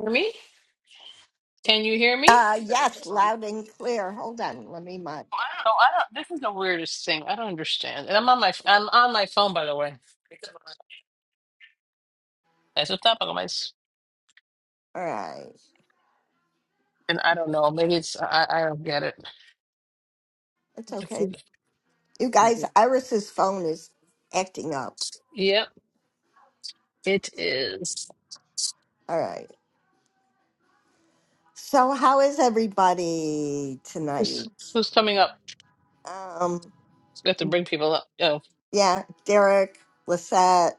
hear me? Can you hear me? Uh, yes, Oh, loud and clear. Hold on, let me mod. I don't. This is the weirdest thing. I don't understand. And I'm on my I'm on my phone, by the way. That's what's up, guys. All right, And I don't know. Maybe it's I I don't get it. it's okay. You guys, Iris's phone is acting up. Yep, it is. All right. So, how is everybody tonight? Who's, who's coming up? Um, We have to bring people up. Oh. yeah, Derek, Lisette,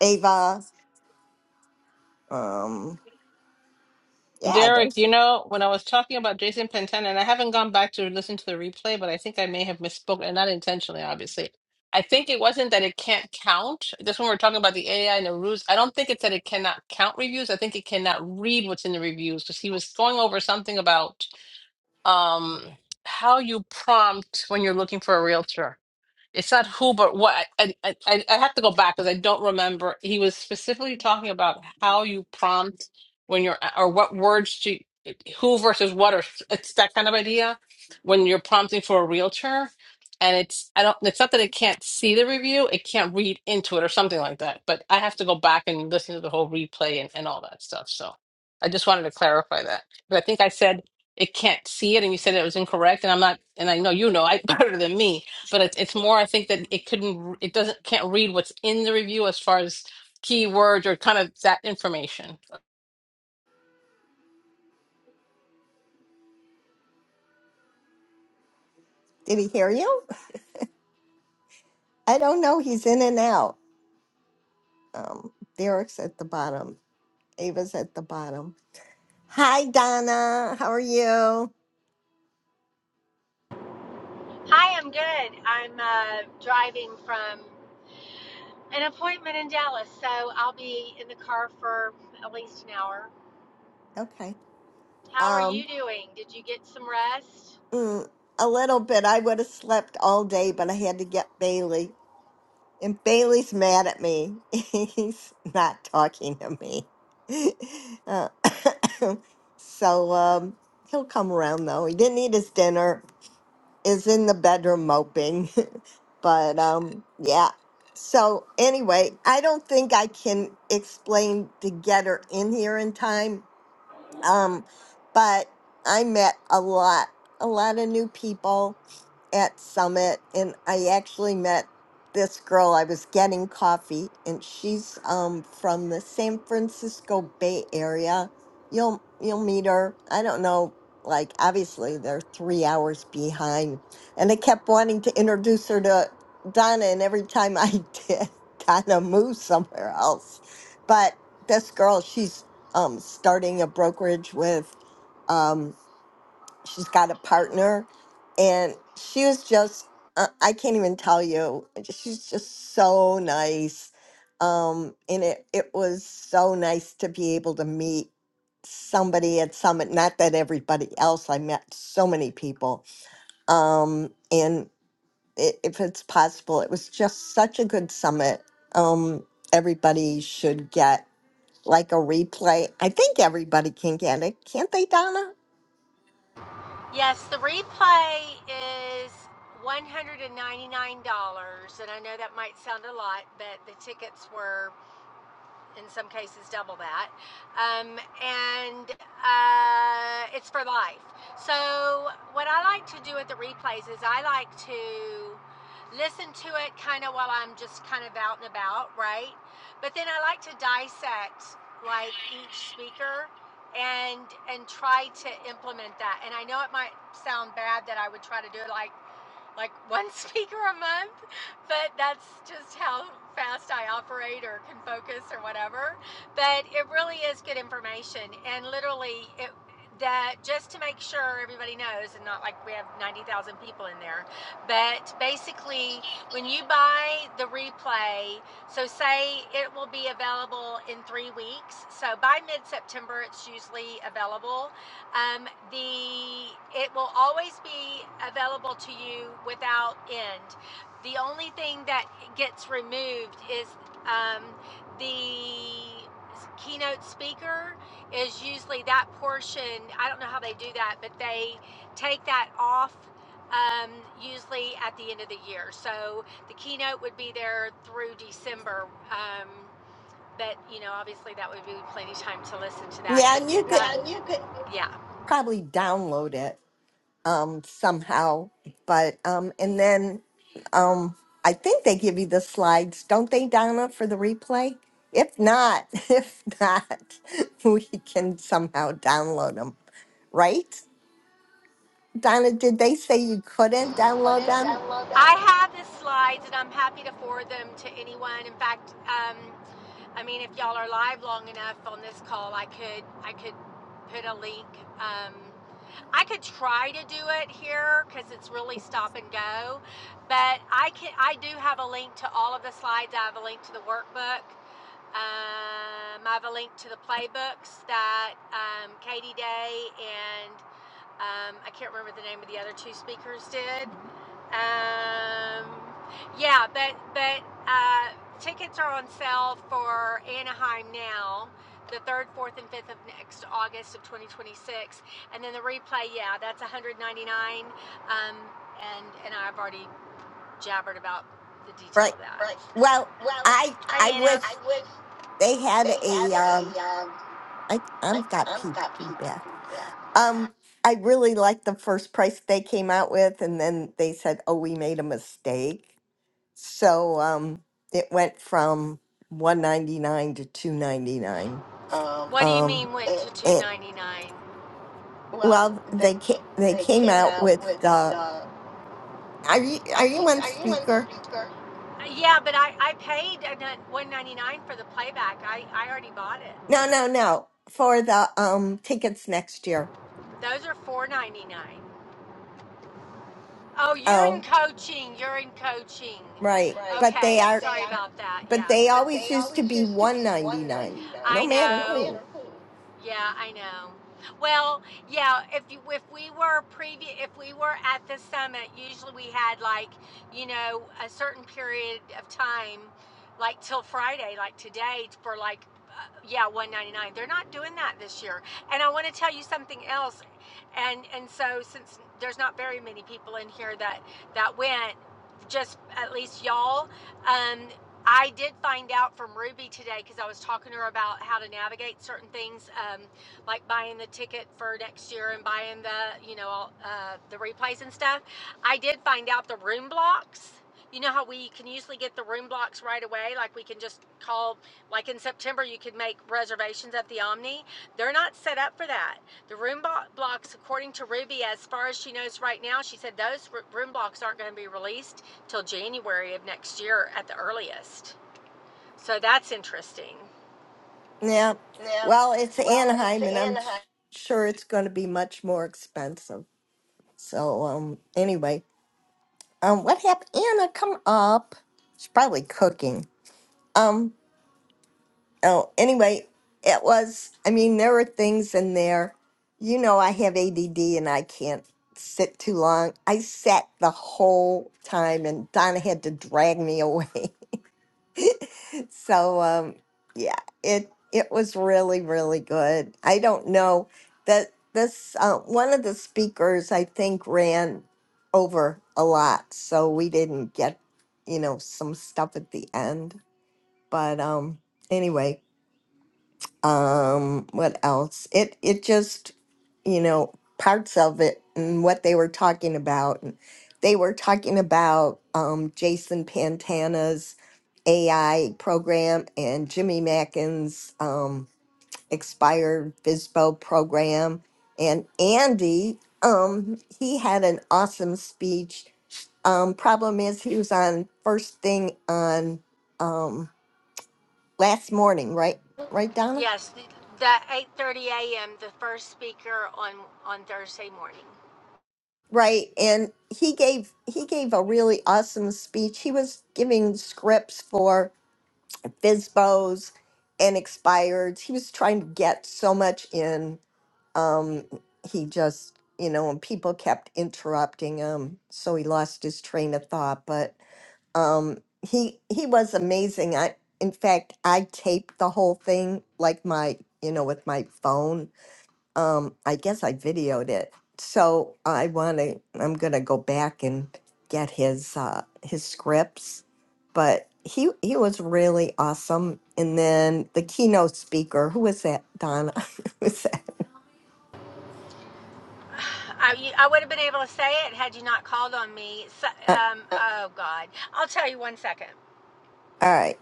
Ava. Um, yeah, Derek, there's. you know, when I was talking about Jason Pantana, and I haven't gone back to listen to the replay, but I think I may have misspoken, and not intentionally, obviously. I think it wasn't that it can't count. Just when we're talking about the AI and the rules, I don't think it's that it cannot count reviews. I think it cannot read what's in the reviews because he was going over something about um, how you prompt when you're looking for a realtor it's not who but what I, I, I I have to go back because i don't remember he was specifically talking about how you prompt when you're or what words to who versus what or it's that kind of idea when you're prompting for a realtor and it's i don't it's not that it can't see the review it can't read into it or something like that but i have to go back and listen to the whole replay and, and all that stuff so i just wanted to clarify that but i think i said it can't see it and you said it was incorrect and i'm not and i know you know i better than me but it's it's more I think that it couldn't it doesn't can't read what's in the review as far as keywords or kind of that information. Did he hear you? I don't know. He's in and out. Um, Derek's at the bottom. Ava's at the bottom. Hi, Donna. How are you? Hi, I'm good. I'm uh, driving from an appointment in Dallas, so I'll be in the car for at least an hour. Okay. How are Um, you doing? Did you get some rest? Mm, a little bit. I would have slept all day, but I had to get Bailey. And Bailey's mad at me. He's not talking to me. Uh, so um, he'll come around, though. He didn't eat his dinner, is in the bedroom moping. but um, yeah. So anyway, I don't think I can explain to get her in here in time um, but I met a lot, a lot of new people at Summit, and I actually met this girl. I was getting coffee, and she's um, from the San Francisco Bay Area. You'll you'll meet her. I don't know. Like obviously they're three hours behind, and I kept wanting to introduce her to Donna, and every time I did, Donna moved somewhere else. But this girl, she's um, starting a brokerage with. Um, she's got a partner, and she was just, uh, I can't even tell you, she's just so nice. Um, and it, it was so nice to be able to meet somebody at Summit, not that everybody else, I met so many people. Um, and i if it's possible, it was just such a good summit. Um, everybody should get like a replay. I think everybody can get it, can't they, Donna? Yes, the replay is $199, and I know that might sound a lot, but the tickets were. in some cases double that. Um, and uh, it's for life. So, what I like to do at the replays is I like to listen to it kind of while I'm just kind of out and about, right? But then I like to dissect like each speaker and and try to implement that. And I know it might sound bad that I would try to do it like like one speaker a month, but that's just how fast I operate or can focus or whatever. But it really is good information, and literally it. That just to make sure everybody knows, and not like we have 90,000 people in there, but basically, when you buy the replay, so say it will be available in three weeks. So by mid September, it's usually available um, the it will always be available to you without end. The only thing that gets removed is um, the keynote speaker is usually that portion. I don't know how they do that, but they take that off um, usually at the end of the year. So the keynote would be there through December. Um, but you know, obviously, that would be plenty of time to listen to that. Yeah, and But th- you could yeah. probably download it um somehow. But um and then um I think they give you the slides, don't they, Donna, for the replay? If not, if not, we can somehow download them, right? Donna, did they say you couldn't download them? I have the slides, and I'm happy to forward them to anyone. In fact, um, I mean, if y'all are live long enough on this call, I could I could put a link. Um, I could try to do it here because it's really stop and go, but I can I do have a link to all of the slides. I have a link to the workbook. Um, I have a link to the playbooks that um, Katie Day and um, I can't remember the name of the other two speakers did. Um, yeah, but but uh, tickets are on sale for Anaheim now, the third, fourth, and fifth of next August of 2026, and then the replay. Yeah, that's 199. Um, and and I've already jabbered about the detail Right. of that. Well, I I Anna, wish they had a um I I've got pe- feedback. Um, I really liked the first price they came out with, and then they said, "Oh, we made a mistake." So um, it went from one ninety nine to two ninety nine. what do you Um, mean with it, 299? well, they ca- they came out with the. Are you are you on speaker? Yeah, but I I paid 199 for the playback. I I already bought it. No, no, no. For the um tickets next year. Those are four ninety nine. Oh, you're Oh, coaching. You're in coaching. right. But they are. About that, But yeah. they always used to be one ninety nine, no You know, matter who. Yeah, I know. Well, yeah, if you, if we were previous if we were at the summit, usually we had like, you know, a certain period of time like till Friday, like today for like uh, yeah, 199. They're not doing that this year. And I want to tell you something else. And and so since there's not very many people in here that that went just at least y'all. Um, I did find out from Ruby today because I was talking to her about how to navigate certain things, um, like buying the ticket for next year and buying the, you know, all, uh, the replays and stuff. I did find out the room blocks. You know how we can usually get the room blocks right away? Like we can just call, like in September, you could make reservations at the Omni. They're not set up for that. The room blocks, according to Ruby, as far as she knows right now, she said those room blocks aren't going to be released till January of next year at the earliest. So that's interesting. Yeah. Well, it's Anaheim, and I'm s- sure it's going to be much more expensive. So, um, anyway, um, what happened? Anna, come up. She's probably cooking. Um, oh, anyway, it was, I mean, there were things in there. You know, I have ADD and I can't sit too long. I sat the whole time, and Donna had to drag me away. So um, yeah, it it was really really good. I don't know that this uh, one of the speakers I think ran over a lot, so we didn't get you know some stuff at the end. But um, anyway, um what else it it just you know parts of it and what they were talking about and they were talking about um jason pantana's ai program and jimmy mackin's um expired visbo program and andy um he had an awesome speech um problem is he was on first thing on um last morning right right donna Yes, the, 8:30 a.m. the first speaker on on Thursday morning. Right. And he gave he gave a really awesome speech. He was giving scripts for FISBOs and expireds. He was trying to get so much in. Um, he just, you know, and people kept interrupting him, so he lost his train of thought. But um, he he was amazing. I in fact I taped the whole thing like my you know with my phone um, I guess I videoed it. So I want to, I'm going to go back and get his, uh, his scripts, but he, he was really awesome. And then the keynote speaker, who was that? Donna? who was that? I, you, I would have been able to say it had you not called on me. So, Uh, um, oh God, I'll tell you one second. all right.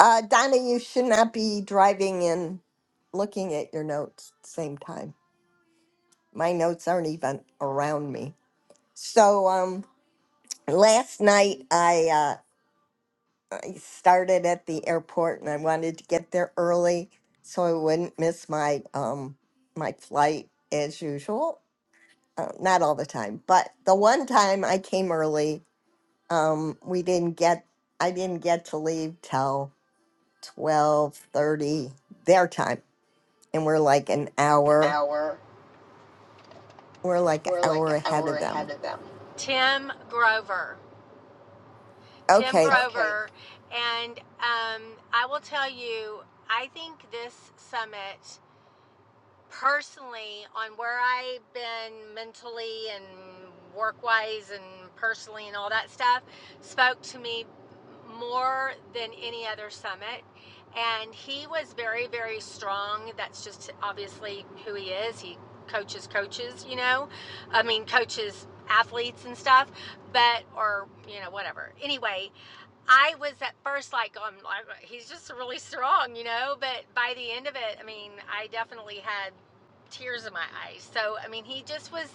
Uh, Donna, you should not be driving and looking at your notes at the same time. My notes aren't even around me. So, um, last night I, uh, I started at the airport and I wanted to get there early so I wouldn't miss my um my flight as usual. Uh, not all the time, but the one time I came early, um, we didn't get I didn't get to leave till twelve thirty their time, and we're like an hour we're like an hour ahead of them. Tim Grover, Tim Grover, Okay, and um, I will tell you. I think this summit personally on where I've been mentally and work wise and personally and all that stuff spoke to me more than any other summit. And he was very, very strong. That's just obviously who he is. He coaches coaches, you know, I mean, coaches athletes and stuff, but, or, you know, whatever. Anyway, I was at first like, oh, I'm like, he's just really strong, you know. But by the end of it, I mean, I definitely had tears in my eyes. So I mean, he just was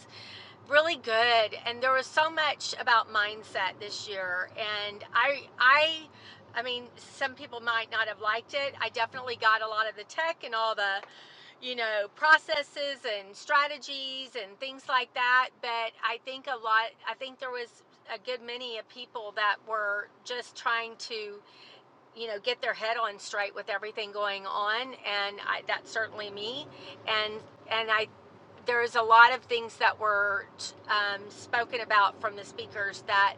really good, and there was so much about mindset this year. And I, I, I mean, some people might not have liked it. I definitely got a lot of the tech and all the you know, processes and strategies and things like that. But I think a lot, I think there was a good many of people that were just trying to, you know, get their head on straight with everything going on. And I, that's certainly me. And, and I, there's a lot of things that were um, spoken about from the speakers that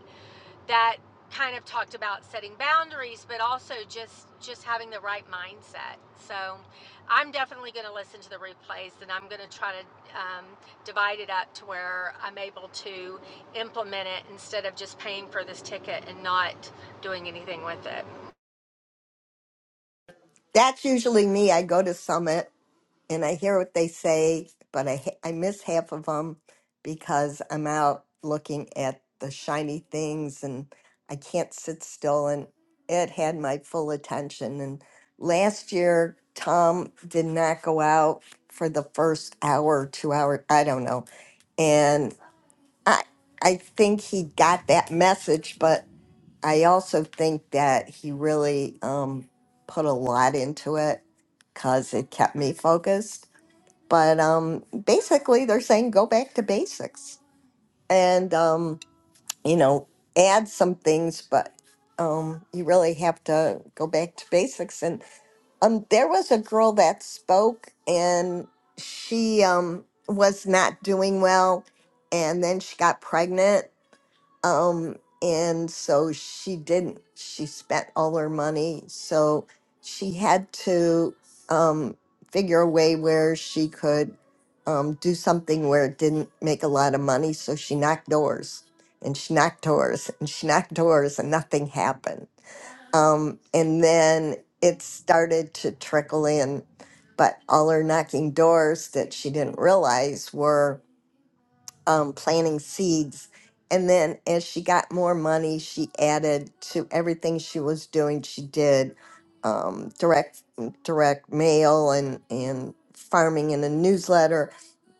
that kind of talked about setting boundaries but also just just having the right mindset so i'm definitely going to listen to the replays and i'm going to try to um, divide it up to where i'm able to implement it instead of just paying for this ticket and not doing anything with it that's usually me. I go to Summit and I hear what they say, but I ha- I miss half of them because I'm out looking at the shiny things and I can't sit still and it had my full attention and last year Tom did not go out for the first hour, 2 hour, I don't know. And I I think he got that message, but I also think that he really um put a lot into it cuz it kept me focused but um, basically, they're saying go back to basics and, um, you know, add some things, but um, you really have to go back to basics. And um, there was a girl that spoke and she um, was not doing well. And then she got pregnant um, and so she didn't. She spent all her money. So she had to um, figure a way where she could um, do something where it didn't make a lot of money. So she knocked doors and she knocked doors and she knocked doors and nothing happened. Um, and then it started to trickle in. But all her knocking doors that she didn't realize um, planting seeds. And then as she got more money, she added to everything she was doing. She did um, direct mm, direct mail and and farming in a newsletter,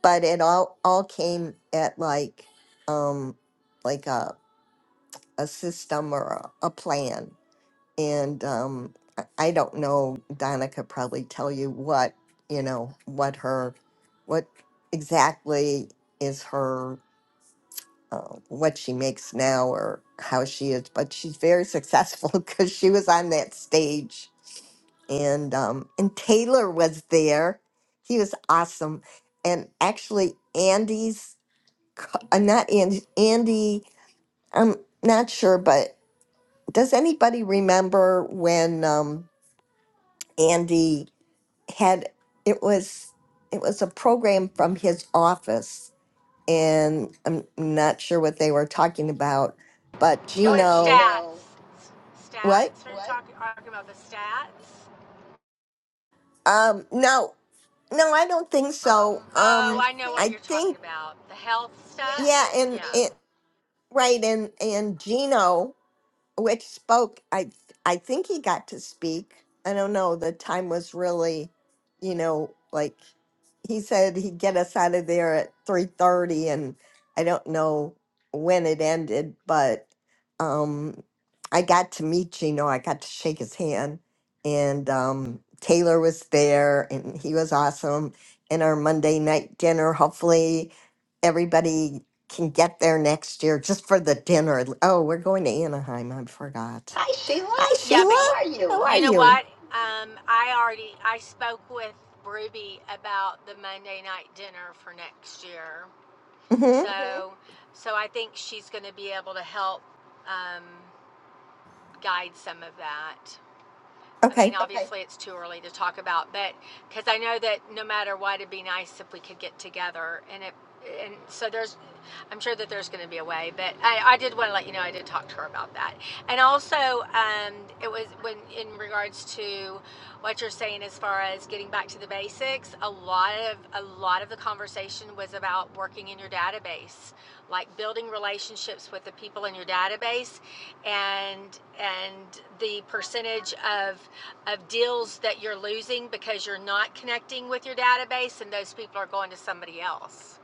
but it all all came at like um, like a a system or a, a plan. And um, I I don't know. Donna could probably tell you what you know what her what exactly is her uh, what she makes now or how she is, but she's very successful because she was on that stage. And um, and Taylor was there. He was awesome. And actually, Andy's co- uh, not Andy. Andy, I'm not sure, but does anybody remember when um, Andy had it was it was a program from his office and I'm not sure what they were talking about, but Gino, S- what? stats are talking about the stats Um, no, no, I don't think so. oh Um, I you're talking think about the health yeah, and it right, and and Gino, which spoke, I I think he got to speak. I don't know. The time was really, you know, like he said he'd get us out of there at 3:30 and I don't know when it ended but um I got to meet Gino I got to shake his hand and um Taylor was there and he was awesome and our Monday night dinner hopefully everybody can get there next year just for the dinner oh we're going to Anaheim I forgot hi Sheila how are You know you what? Um, I already I spoke with Ruby about the Monday night dinner for next year. mhm So so I think she's going to be able to help um, guide some of that. I mean, okay obviously it's too early to talk about, but because I know that no matter what, it'd be nice if we could get together. And it, and so there's, I'm sure that there's going to be a way. But I, I did want to let you know I did talk to her about that. And also, um, it was when in regards to what you're saying as far as getting back to the basics. A lot of a lot of the conversation was about working in your database, like building relationships with the people in your database, and and the percentage of of deals that you're losing because you're not connecting with your database and those people are going to somebody else.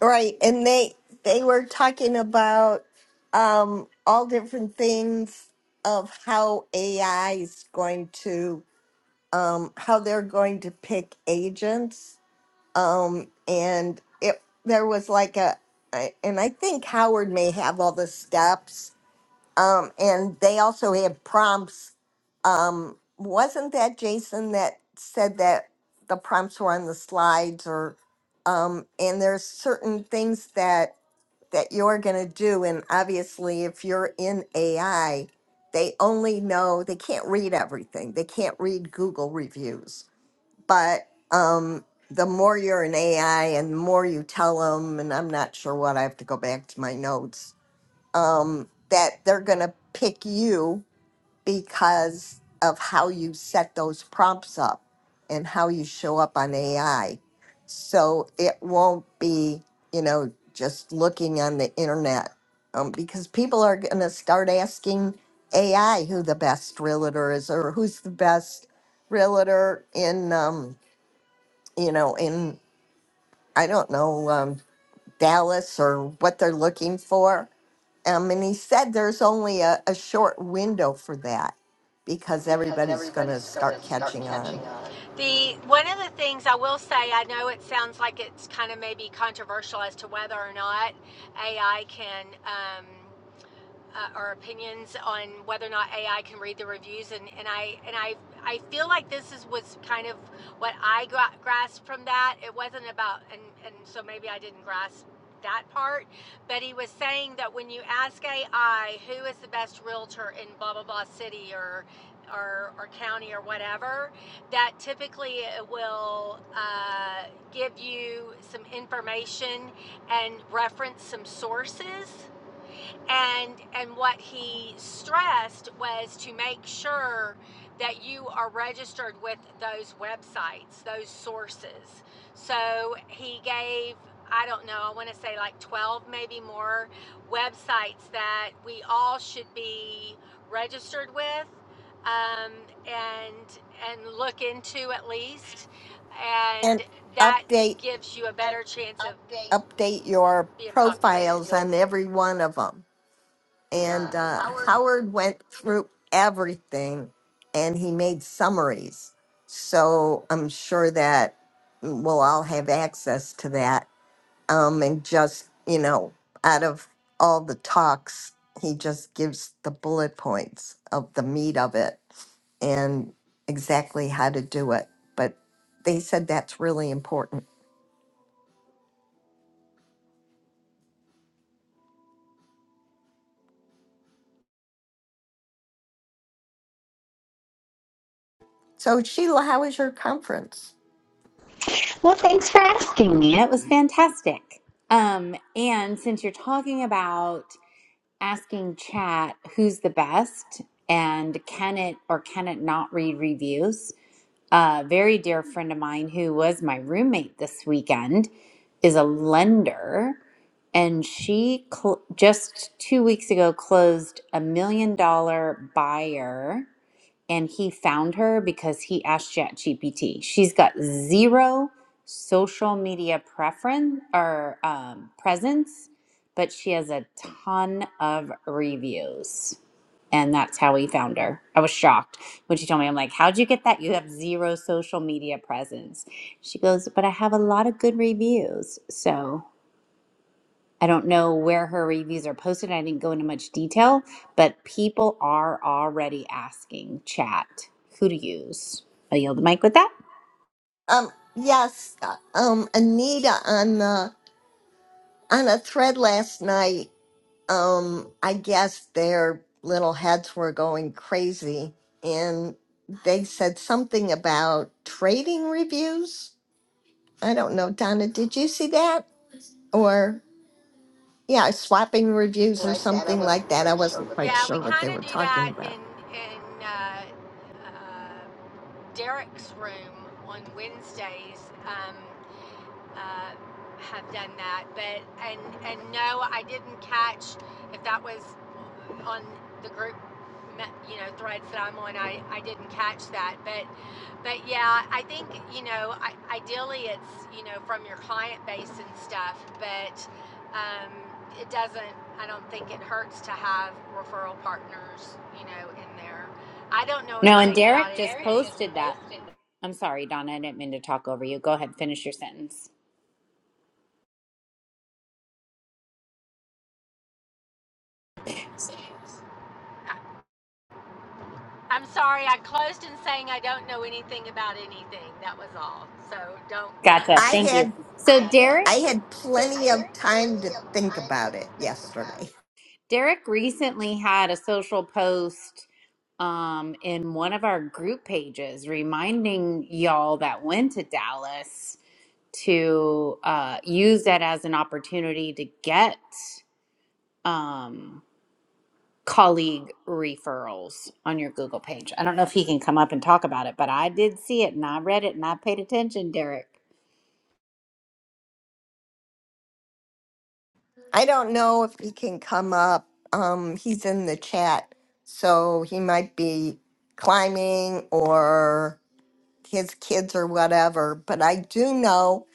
Right, and they they were talking about um, all different things of how AI is going to um, how they're going to pick agents, um, and it there was like a I- and I think Howard may have all the steps, um, and they also had prompts. Um, wasn't that Jason that said that the prompts were on the slides or um, and there's certain things that that you're going to do. And obviously, if you're in AI, they only know they can't read everything, they can't read Google reviews. But um, the more you're in AI and the more you tell them, and I'm not sure what I have to go back to my notes, um, that they're going to pick you because of how you set those prompts up and how you show up on AI. So it won't be, you know, just looking on the internet um, because people are going to start asking AI who the best realtor is or who's the best realtor in, um, you know, in, I don't know, um, Dallas or what they're looking for. Um, and he said there's only a, a short window for that because everybody's going to start catching on. The one of the things I will say, I know it sounds like it's kind of maybe controversial as to whether or not AI can um, uh, our opinions on whether or not AI can read the reviews, and, and I and I I feel like this is was kind of what I gra- grasped from that. It wasn't about and and so maybe I didn't grasp that part, but he was saying that when you ask AI who is the best realtor in blah blah blah city or or, or county or whatever, that typically it will uh, give you some information and reference some sources and and what he stressed was to make sure that you are registered with those websites those sources so he gave i don't know i want to say like 12 maybe more websites that we all should be registered with um, and and look into at least And and that update gives you a better chance update your of being profiles on every one of them. And uh, Howard went through everything, and he made summaries. So I'm sure that mm, we'll all have access to that um, and just you know out of all the talks he just gives the bullet points of the meat of it and exactly how to do it but they said that's really important so sheila how was your conference Well, thanks for asking me. It was fantastic. Um, and since you're talking about asking chat who's the best and can it or can it not read reviews, a very dear friend of mine who was my roommate this weekend is a lender. And she cl- just two weeks ago closed a million dollar buyer and he found her because he asked ChatGPT. She's got zero social media preference or um, presence, but she has a ton of reviews. And that's how he found her. I was shocked when she told me, I'm like, how'd you get that? You have zero social media presence. She goes, but I have a lot of good reviews. So I don't know where her reviews are posted. I didn't go into much detail, but people are already asking chat who to use. I yield the mic with that. um yes uh, um anita on the on a thread last night um i guess their little heads were going crazy and they said something about trading reviews I don't know, Donna, did you see that? Or, yeah, swapping reviews or something like that. I wasn't quite sure what they were going to do talking that about. in in uh, uh, Derek's room on Wednesdays. Um, uh, have done that. But and and no, I didn't catch if that was on the group, you know, threads that I'm on. I I didn't catch that. But but yeah, I think you know, I, ideally it's you know from your client base and stuff. But um, it doesn't. I don't think it hurts to have referral partners, you know, in there. I don't know No, anything. and Derek just posted that. I'm sorry, Donna, I didn't mean to talk over you. Go ahead, finish your sentence. I'm sorry, I closed in saying I don't know anything about anything. That was all. So don't, yeah, go Gotcha. I ahead. Thank you. had So Derek, I had plenty of time to think about it yesterday. Derek recently had a social post um, in one of our group pages reminding y'all that went to Dallas to uh, use that as an opportunity to get um, colleague referrals on your Google page. I don't know if he can come up and talk about it, but I did see it and I read it and I paid attention, Derek. I don't know if he can come up. Um, he's in the chat, so he might be climbing or his kids or whatever. But I do know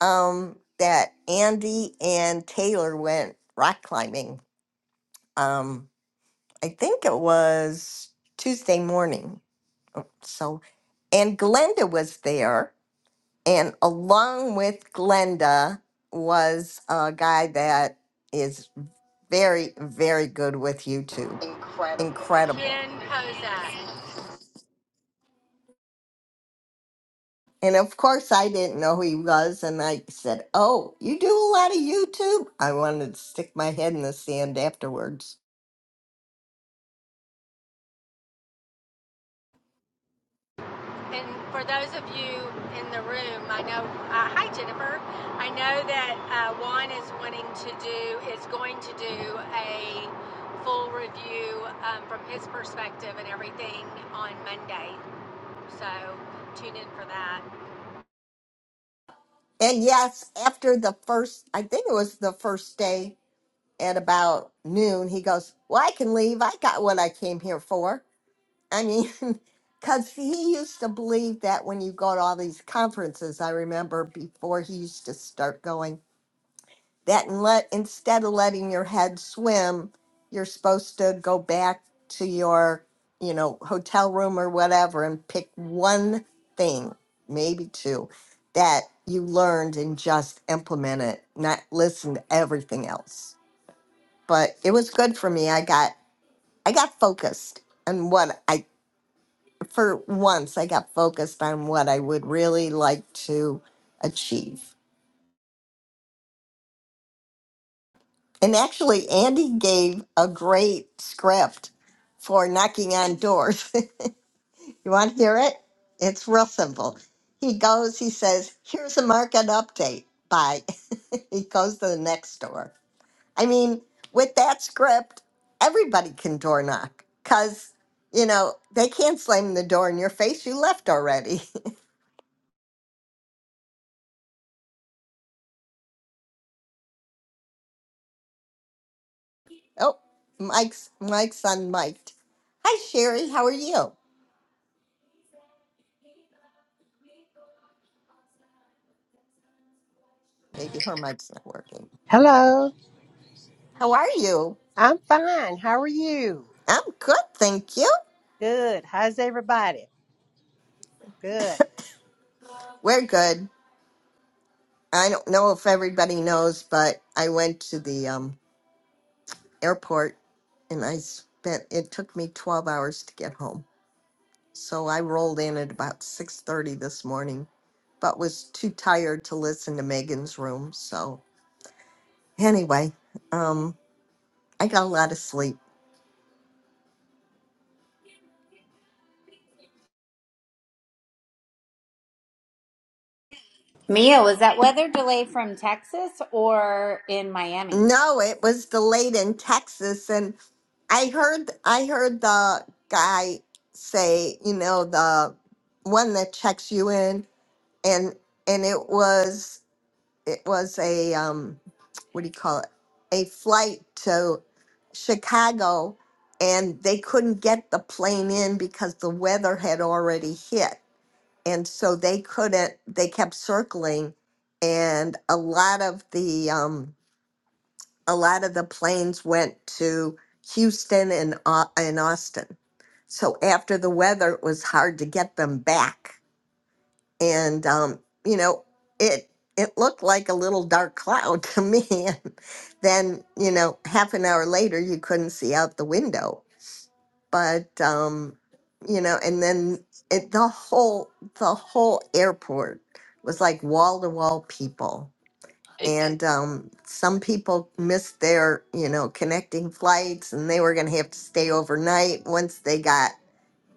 um, that Andy and Taylor went rock climbing. Um, I think it was Tuesday morning. Oh, So, and Glenda was there. And along with Glenda was a guy that is very, very good with YouTube. Incredible. Ken Kozak. And of course, I didn't know who he was. And I said, Oh, you do a lot of YouTube? I wanted to stick my head in the sand afterwards. And for those of you in the room, I know, uh, hi Jennifer. I know that uh, Juan is wanting to do, is going to do a full review um, from his perspective and everything on Monday. So tune in for that. And yes, after the first, I think it was the first day at about noon, he goes, Well, I can leave. I got what I came here for. I mean, because he used to believe that when you go to all these conferences, I remember before he used to start going, that and let, instead of letting your head swim, you're supposed to go back to your, you know, hotel room or whatever and pick one thing, maybe two, that you learned and just implement it, not listen to everything else but it was good for me. I got I got focused on what I for once I got focused on what I would really like to achieve. And actually Andy gave a great script for knocking on doors. you want to hear it? It's real simple. He goes, he says, "Here's a market update." Bye. he goes to the next door. I mean, with that script, everybody can door knock because, you know, they can't slam the door in your face. You left already. oh, Mike's Mike's unmiked. Hi, Sherry. How are you? Maybe her mic's not working. Hello, How are you? I'm fine. How are you? I'm good, thank you. Good. How's everybody? Good. We're good. I don't know if everybody knows, but I went to the um, airport and I spent, it took me 12 hours to get home. So I rolled in at about six thirty this morning, but was too tired to listen to Megan's room. So anyway, um, I got a lot of sleep. Mia, was that weather delay from Texas or in Miami? No, it was delayed in Texas, and I heard I heard the guy say, you know, the one that checks you in, and and it was it was a um what do you call it a flight to chicago and they couldn't get the plane in because the weather had already hit and so they couldn't they kept circling and a lot of the um a lot of the planes went to houston and Au- and austin so after the weather it was hard to get them back and um, you know it it looked like a little dark cloud to me and then you know half an hour later you couldn't see out the window but um you know and then it, the whole the whole airport was like wall to wall people It, and um, some people missed their you know connecting flights and they were going to have to stay overnight once they got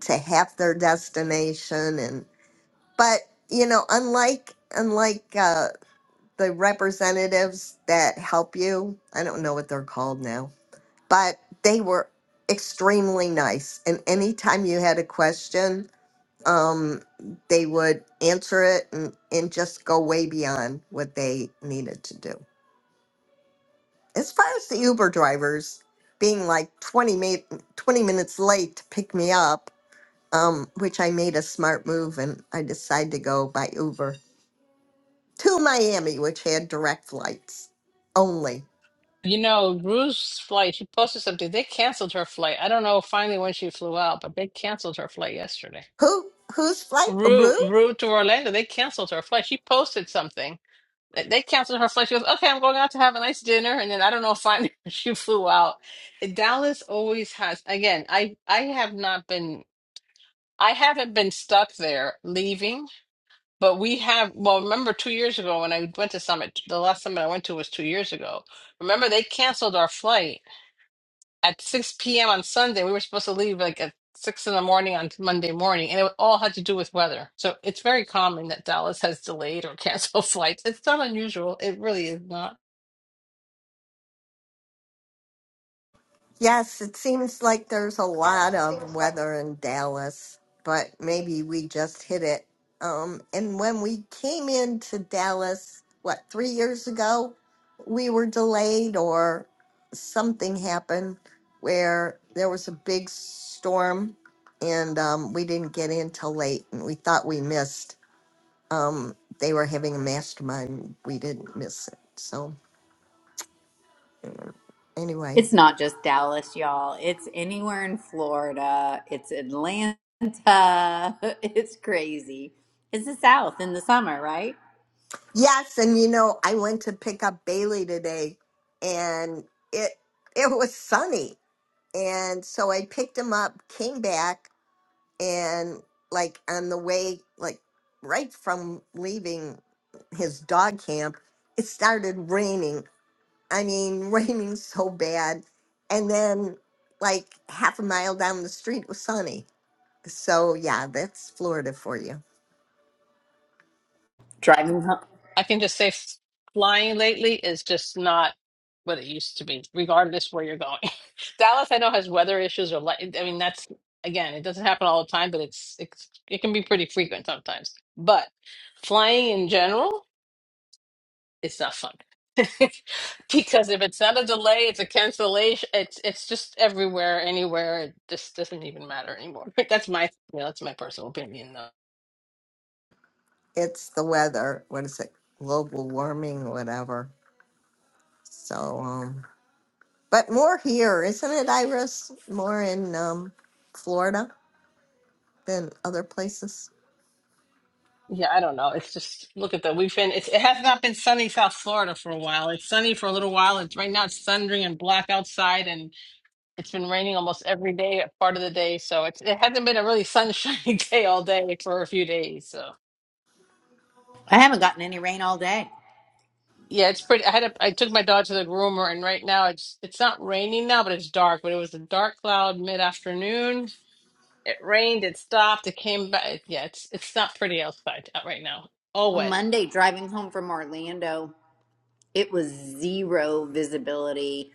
to half their destination but you know unlike unlike uh, the representatives that help you i don't know what they're called now but they were extremely nice and anytime you had a question um they would answer it and, and just go way beyond what they needed to do as far as the uber drivers being like 20 ma- 20 minutes late to pick me up um which i made a smart move and i decided to go by uber to Miami, which had direct flights only. you know, Rue's flight, she posted something. They canceled her flight. I don't know finally when she flew out, but they canceled her flight yesterday. Who whose flight? Aru? Rue, Rue to Orlando, they canceled her flight. She posted something. They they canceled her flight. She goes, okay, I'm going out to have a nice dinner. And then I don't know, finally she flew out. Dallas always has, again, I, I have not been, I haven't been stuck there leaving. But we have, well, remember two years ago when I went to Summit, the last summit I went to was two years ago. Remember, they canceled our flight at 6 p.m. on Sunday. We were supposed to leave like at six in the morning on Monday morning, and it all had to do with weather. So it's very common that Dallas has delayed or canceled flights. It's not unusual. It really is not. Yes, it seems like there's a lot of weather in Dallas, but maybe we just hit it. Um, and when we came into Dallas, what three years ago, we were delayed or something happened where there was a big storm and um, we didn't get in till late and we thought we missed um, they were having a mastermind. We didn't miss it. So anyway, It's not just Dallas, y'all. It's anywhere in Florida. It's Atlanta. It's crazy. It's the South in the summer, right? yes, and you know, I went to pick up Bailey today, and it it was sunny, and so I picked him up, came back, and like on the way, like right from leaving his dog camp, it started raining. I mean, raining so bad, and then like half a mile down the street it was sunny So yeah, that's Florida for you. Driving home. I can just say f- flying lately is just not what it used to be, regardless where you're going. Dallas, I know, has weather issues or light. I mean, that's again, it doesn't happen all the time, but it's it's it can be pretty frequent sometimes. But flying in general, it's not fun. because if it's not a delay, it's a cancellation. It's it's just everywhere, anywhere. It just doesn't even matter anymore. That's my you know, that's my personal opinion. though. It's the weather. What is it? Global warming, whatever. So, um, but more here, isn't it, Iris? More in um, Florida than other places. Yeah, I don't know. It's just look at that. We've been it's, it has not been sunny South Florida for a while. It's sunny for a little while. It's right now it's thundering and black outside, and it's been raining almost every day, part of the day. So it's it hasn't been a really sunshiny day all day for a few days. So I haven't gotten any rain all day. yeah, it's pretty. I had a, I took my dog to the groomer, and right now it's it's not raining now, but it's dark. But it was a dark cloud mid afternoon. It rained. It stopped. It came back. Yeah, it's it's not pretty outside out right now. All wet. Monday, driving home from Orlando. It was zero visibility.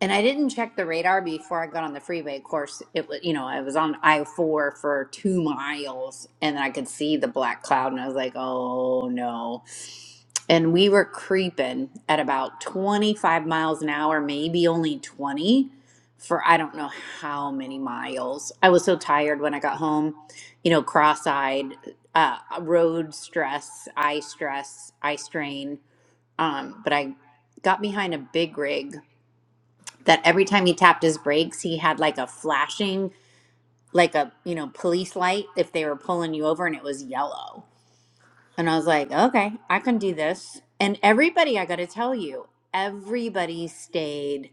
And I didn't check the radar before I got on the freeway. Of course, it was, you know, I was on I 4 for two miles and I could see the black cloud and I was like, oh no. And we were creeping at about 25 miles an hour, maybe only 20 for I don't know how many miles. I was so tired when I got home, you know, cross eyed, uh, road stress, eye stress, eye strain um, but I got behind a big rig that every time he tapped his brakes, he had like a flashing, like a, you know, police light if they were pulling you over and it was yellow. And I was like, okay, I can do this. And everybody, I got to tell you, everybody stayed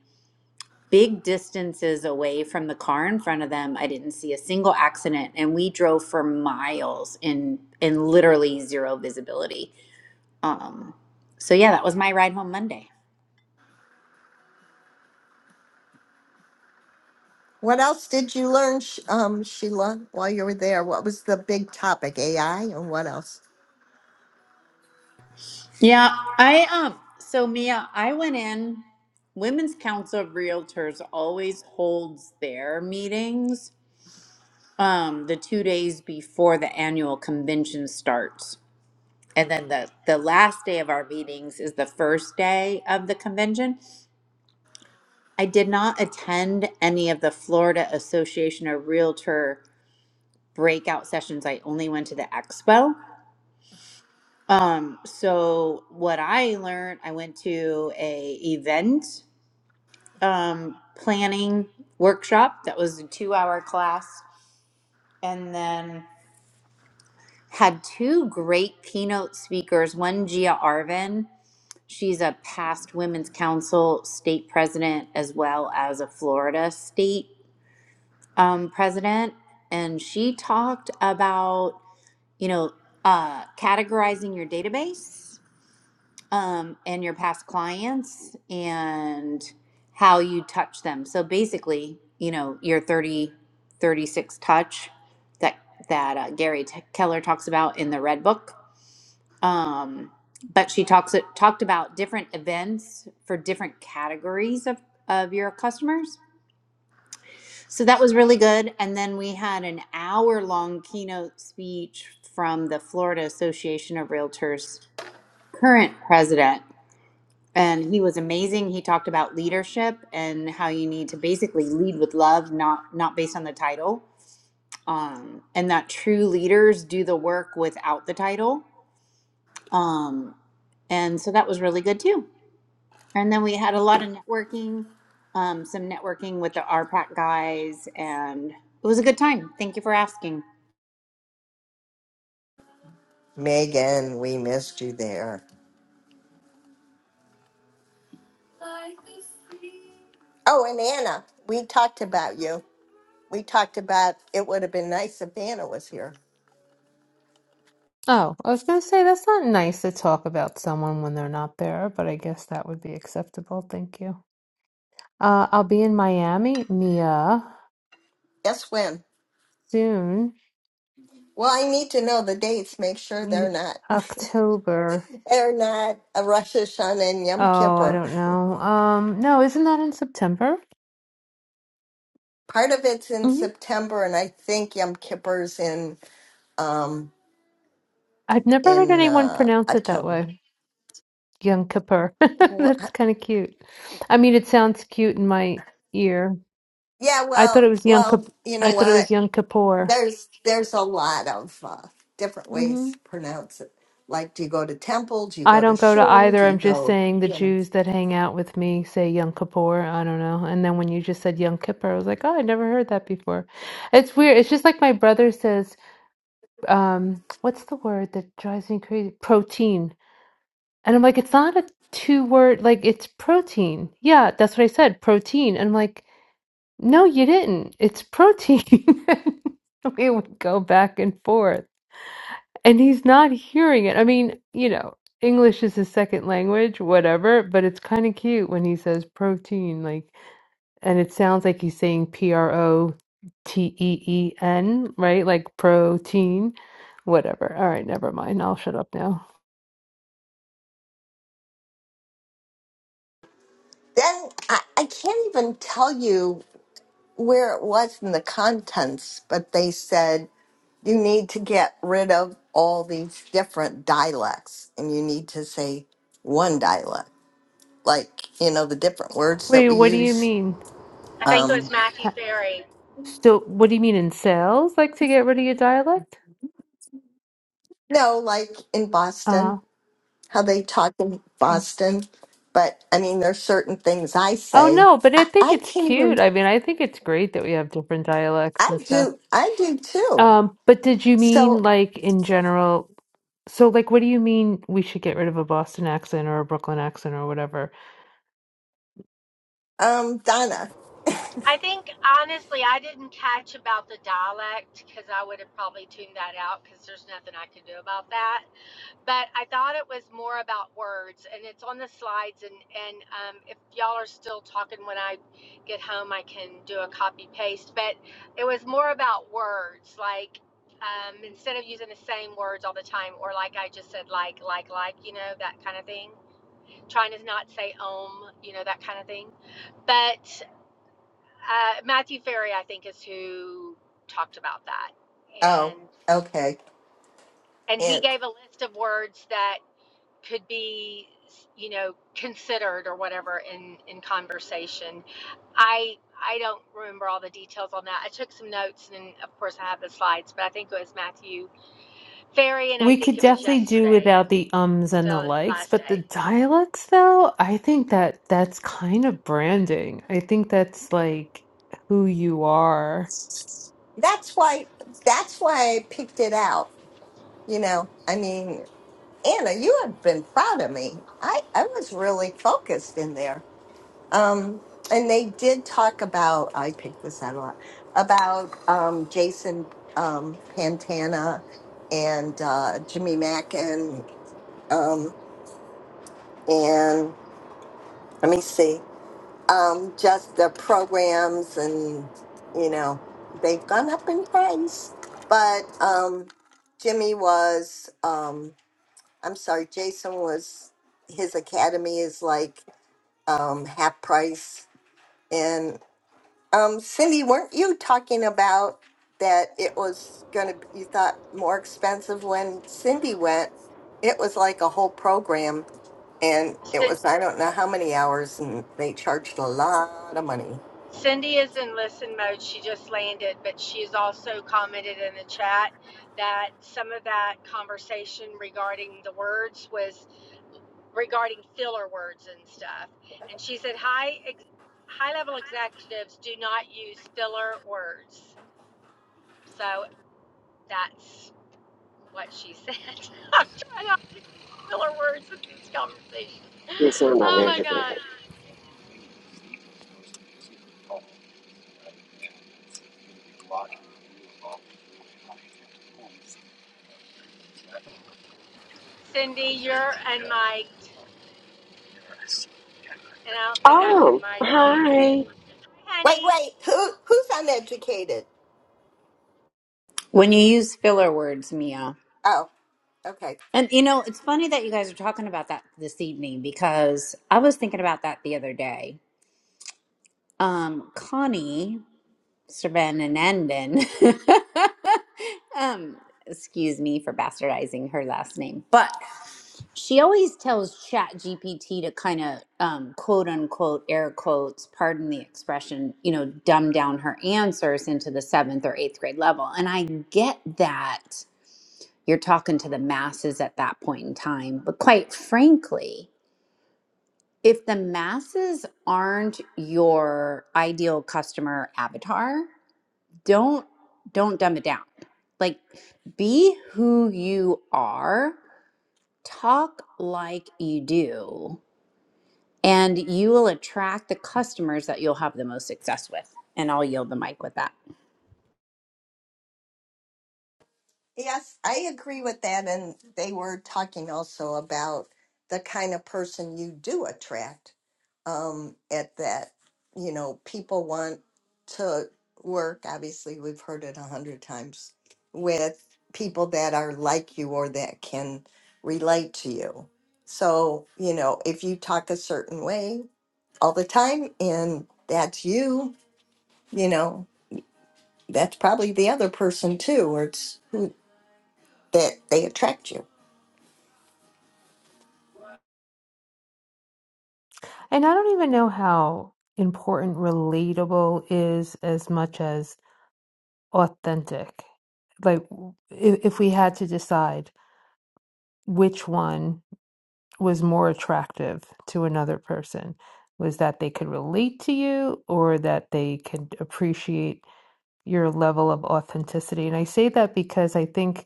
big distances away from the car in front of them. I didn't see a single accident and we drove for miles in in literally zero visibility. Um so yeah, that was my ride home Monday. What else did you learn, Sh- um, Sheila, while you were there? What was the big topic? AI and what else? Yeah, I um so Mia, I went in Women's Council of Realtors always holds their meetings um the 2 days before the annual convention starts. And then the the last day of our meetings is the first day of the convention. I did not attend any of the Florida Association of Realtor breakout sessions. I only went to the expo. Um so what I learned, I went to a event um, planning workshop that was a two hour class and then had two great keynote speakers one gia arvin she's a past women's council state president as well as a florida state um, president and she talked about you know uh, categorizing your database um, and your past clients and how you touch them. So basically, you know, your 30 36 touch that, that uh, Gary T- Keller talks about in the Red Book. Um, but she talks talked about different events for different categories of, of your customers. So that was really good. And then we had an hour long keynote speech from the Florida Association of Realtors current president and he was amazing he talked about leadership and how you need to basically lead with love not not based on the title um, and that true leaders do the work without the title um, and so that was really good too and then we had a lot of networking um, some networking with the rpac guys and it was a good time thank you for asking Megan, we missed you there. Oh, and Anna, we talked about you. We talked about it would have been nice if Anna was here. Oh, I was going to say that's not nice to talk about someone when they're not there, but I guess that would be acceptable. Thank you. Uh, I'll be in Miami, Mia, Guess when? soon. Well, I need to know the dates. Make sure Y- they're not October. they're not a Rosh Hashanah and Yom Oh, I Kippur. don't know. Um, no, isn't that in September? Part of it's in hmm September, and I think Yom Kippur's in um I've never heard in anyone uh, pronounce it that October. way. Yom Kippur. Wha That's kind of cute. I mean, it sounds cute in my ear. Yeah, I thought it well, was Yom well, Kip- you I know thought it was what? Yom Kippur. There's there's a lot of uh, different ways to pronounce it. Like, do you go to temple? Do you I go to don't go to shul? Do either. you I'm just go? saying the You know. Jews that hang out with me say Yom Kippur. I don't know. And then when you just said Yom Kippur, I was like, oh, I never heard that before. It's weird. It's just like my brother says, um, what's the word that drives me crazy? Protein. And I'm like, it's not a two word, like it's protein. Yeah, that's what I said, protein. And I'm like, no, you didn't. It's protein. we would go back and forth and he's not hearing it. I mean, you know, English is his second language, whatever, but it's kind of cute when he says protein, like, and it sounds like he's saying P R O T E E N, right? Like protein, whatever. All right, never mind. I'll shut up now. Then I, I can't even tell you where it was in the contents, but they said. you need to get rid of all these different dialects and you need to say one dialect like you know the different words that Wait, we what do you use mean? I think it um was Matthew Ha- Ferry So, what do you mean in sales? Like to get rid of your dialect? no like in Uh-huh. boston how they talk in boston but i mean there's certain things i Oh say no, but I i, think I it's can't cute. even I mean, I think it's great that we have different dialects i and stuff. do i do too Um, but did you mean so like in general? So like what do you mean we should get rid of a Boston accent or a Brooklyn accent or whatever? um donna I think honestly, I didn't catch about the dialect because I would have probably tuned that out because there's nothing I could do about that. But I thought it was more about words, and it's on the slides. And and um, if y'all are still talking when I get home, I can do a copy paste. But it was more about words, like um, instead of using the same words all the time, or like I just said, like like like, you know, that kind of thing. Trying to not say om, you know, that kind of thing. But uh, Matthew Ferry, I think, is who talked about that, oh and okay and he and gave a list of words that could be, you know, considered or whatever in in conversation. I I don't remember all the details on that. I took some notes, and of course I have the slides, but I think it was Matthew Ferry, and I We think could it was definitely do yesterday, without the ums and the so likes, last but the day. dialects, though, I think that that's kind of branding. I think that's like who you are. that's why that's why i picked it out you know i mean Anna, you have been proud of me. I, I was really focused in there. Um, and they did talk about, I picked this out a lot, about um, Jason um, Pantana and uh, Jimmy Mackin. Um, and let me see, um, just the programs and, you know, they've gone up in price. But um, Jimmy was. Um, I'm sorry, Jason was his academy is like um, half price. And um, Cindy, weren't you talking about that it was gonna you thought more expensive when Cindy went? It was like a whole program, and it So was I don't know how many hours, and they charged a lot of money. Cindy is in listen mode. She just landed, but she's also commented in the chat that some of that conversation regarding the words was regarding filler words and stuff. And she said, "High ex- high level executives do not use filler words." So that's what she said. I'm trying not to use filler words in this conversation. Yes, I'm Oh my God, Cindy, you're unmiked, and I don't think I can Oh, mic you. hi. Wait, honey. wait, who who's uneducated? When you use filler words, Mia. Oh, okay. And you know, it's funny that you guys are talking about that this evening because I was thinking about that the other day. um, Connie Sravanandan. um, excuse me for bastardizing her last name, but she always tells Chat GPT to kind of um, quote unquote air quotes, pardon the expression, you know, dumb down her answers into the seventh or eighth grade level. And I get that you're talking to the masses at that point in time, but quite frankly if the masses aren't your ideal customer avatar don't don't dumb it down like be who you are talk like you do and you will attract the customers that you'll have the most success with and i'll yield the mic with that Yes, I agree with that. And they were talking also about the kind of person you do attract um, at that. You know, people want to work, obviously, we've heard it a hundred times, with people that are like you or that can relate to you. So, you know, if you talk a certain way all the time and that's you, you know, that's probably the other person too, or it's who that they attract you. And I don't even know how important relatable is as much as authentic. Like, if, if we had to decide which one was more attractive to another person, was that they could relate to you or that they could appreciate your level of authenticity. And I say that because I think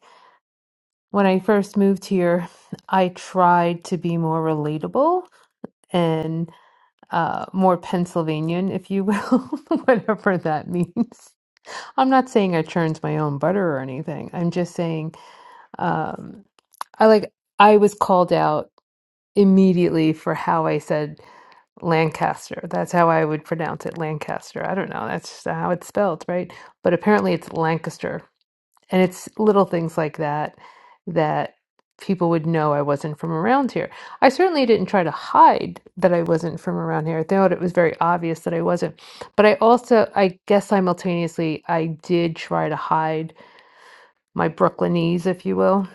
when I first moved here, I tried to be more relatable and uh, more Pennsylvanian, if you will, whatever that means. I'm not saying I churned my own butter or anything. I'm just saying um, I like I was called out immediately for how I said Lancaster. That's how I would pronounce it, Lancaster. I don't know. That's just how it's spelled, right? But apparently it's Lancaster And it's little things like that that people would know I wasn't from around here. I certainly didn't try to hide that I wasn't from around here. I thought it was very obvious that I wasn't. But I also, I guess simultaneously, I did try to hide my Brooklynese, if you will.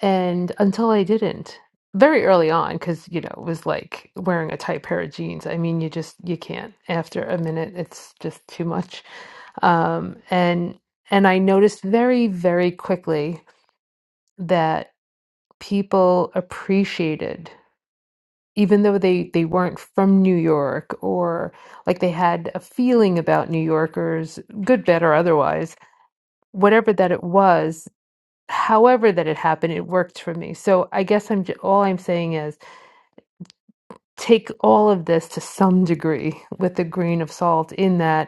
And until I didn't, very early on, because, you know, it was like wearing a tight pair of jeans. I mean, you just, you can't. After a minute, it's just too much. Um, and, and I noticed very, very quickly that people appreciated even though they they weren't from New York or like they had a feeling about New Yorkers good bad or otherwise whatever that it was however that it happened it worked for me so i guess i'm j- all i'm saying is take all of this to some degree with a grain of salt in that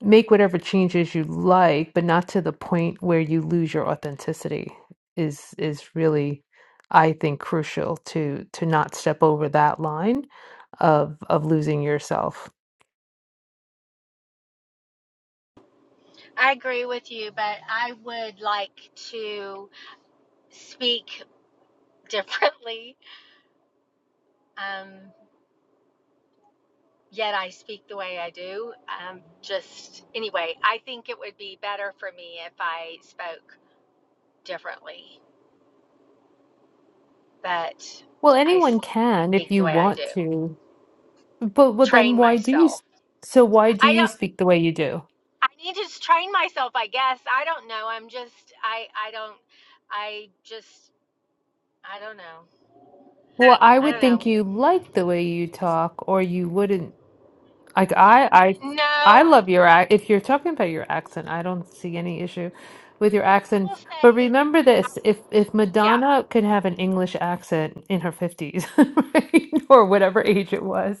make whatever changes you like, but not to the point where you lose your authenticity is is really, I think, crucial to to not step over that line of of losing yourself. I agree with you, but I would like to speak differently. Um, yet I speak the way I do. Um, just anyway, I think it would be better for me if I spoke differently, but Well, I anyone can if speak the you way I want do. to, but well, then Train why do you? myself. s- So why do I you don't. speak the way you do? I need to train myself. I guess I don't know. I'm just. I. I don't. I just. I don't know. Well, I I would don't think know. you like the way you talk, or you wouldn't Like I, I, No, I love your act. If you're talking about your accent, I don't see any issue with your I will accent. But say. remember I this: if if Yeah, Madonna could have an English accent in her fifties, right, or whatever age it was,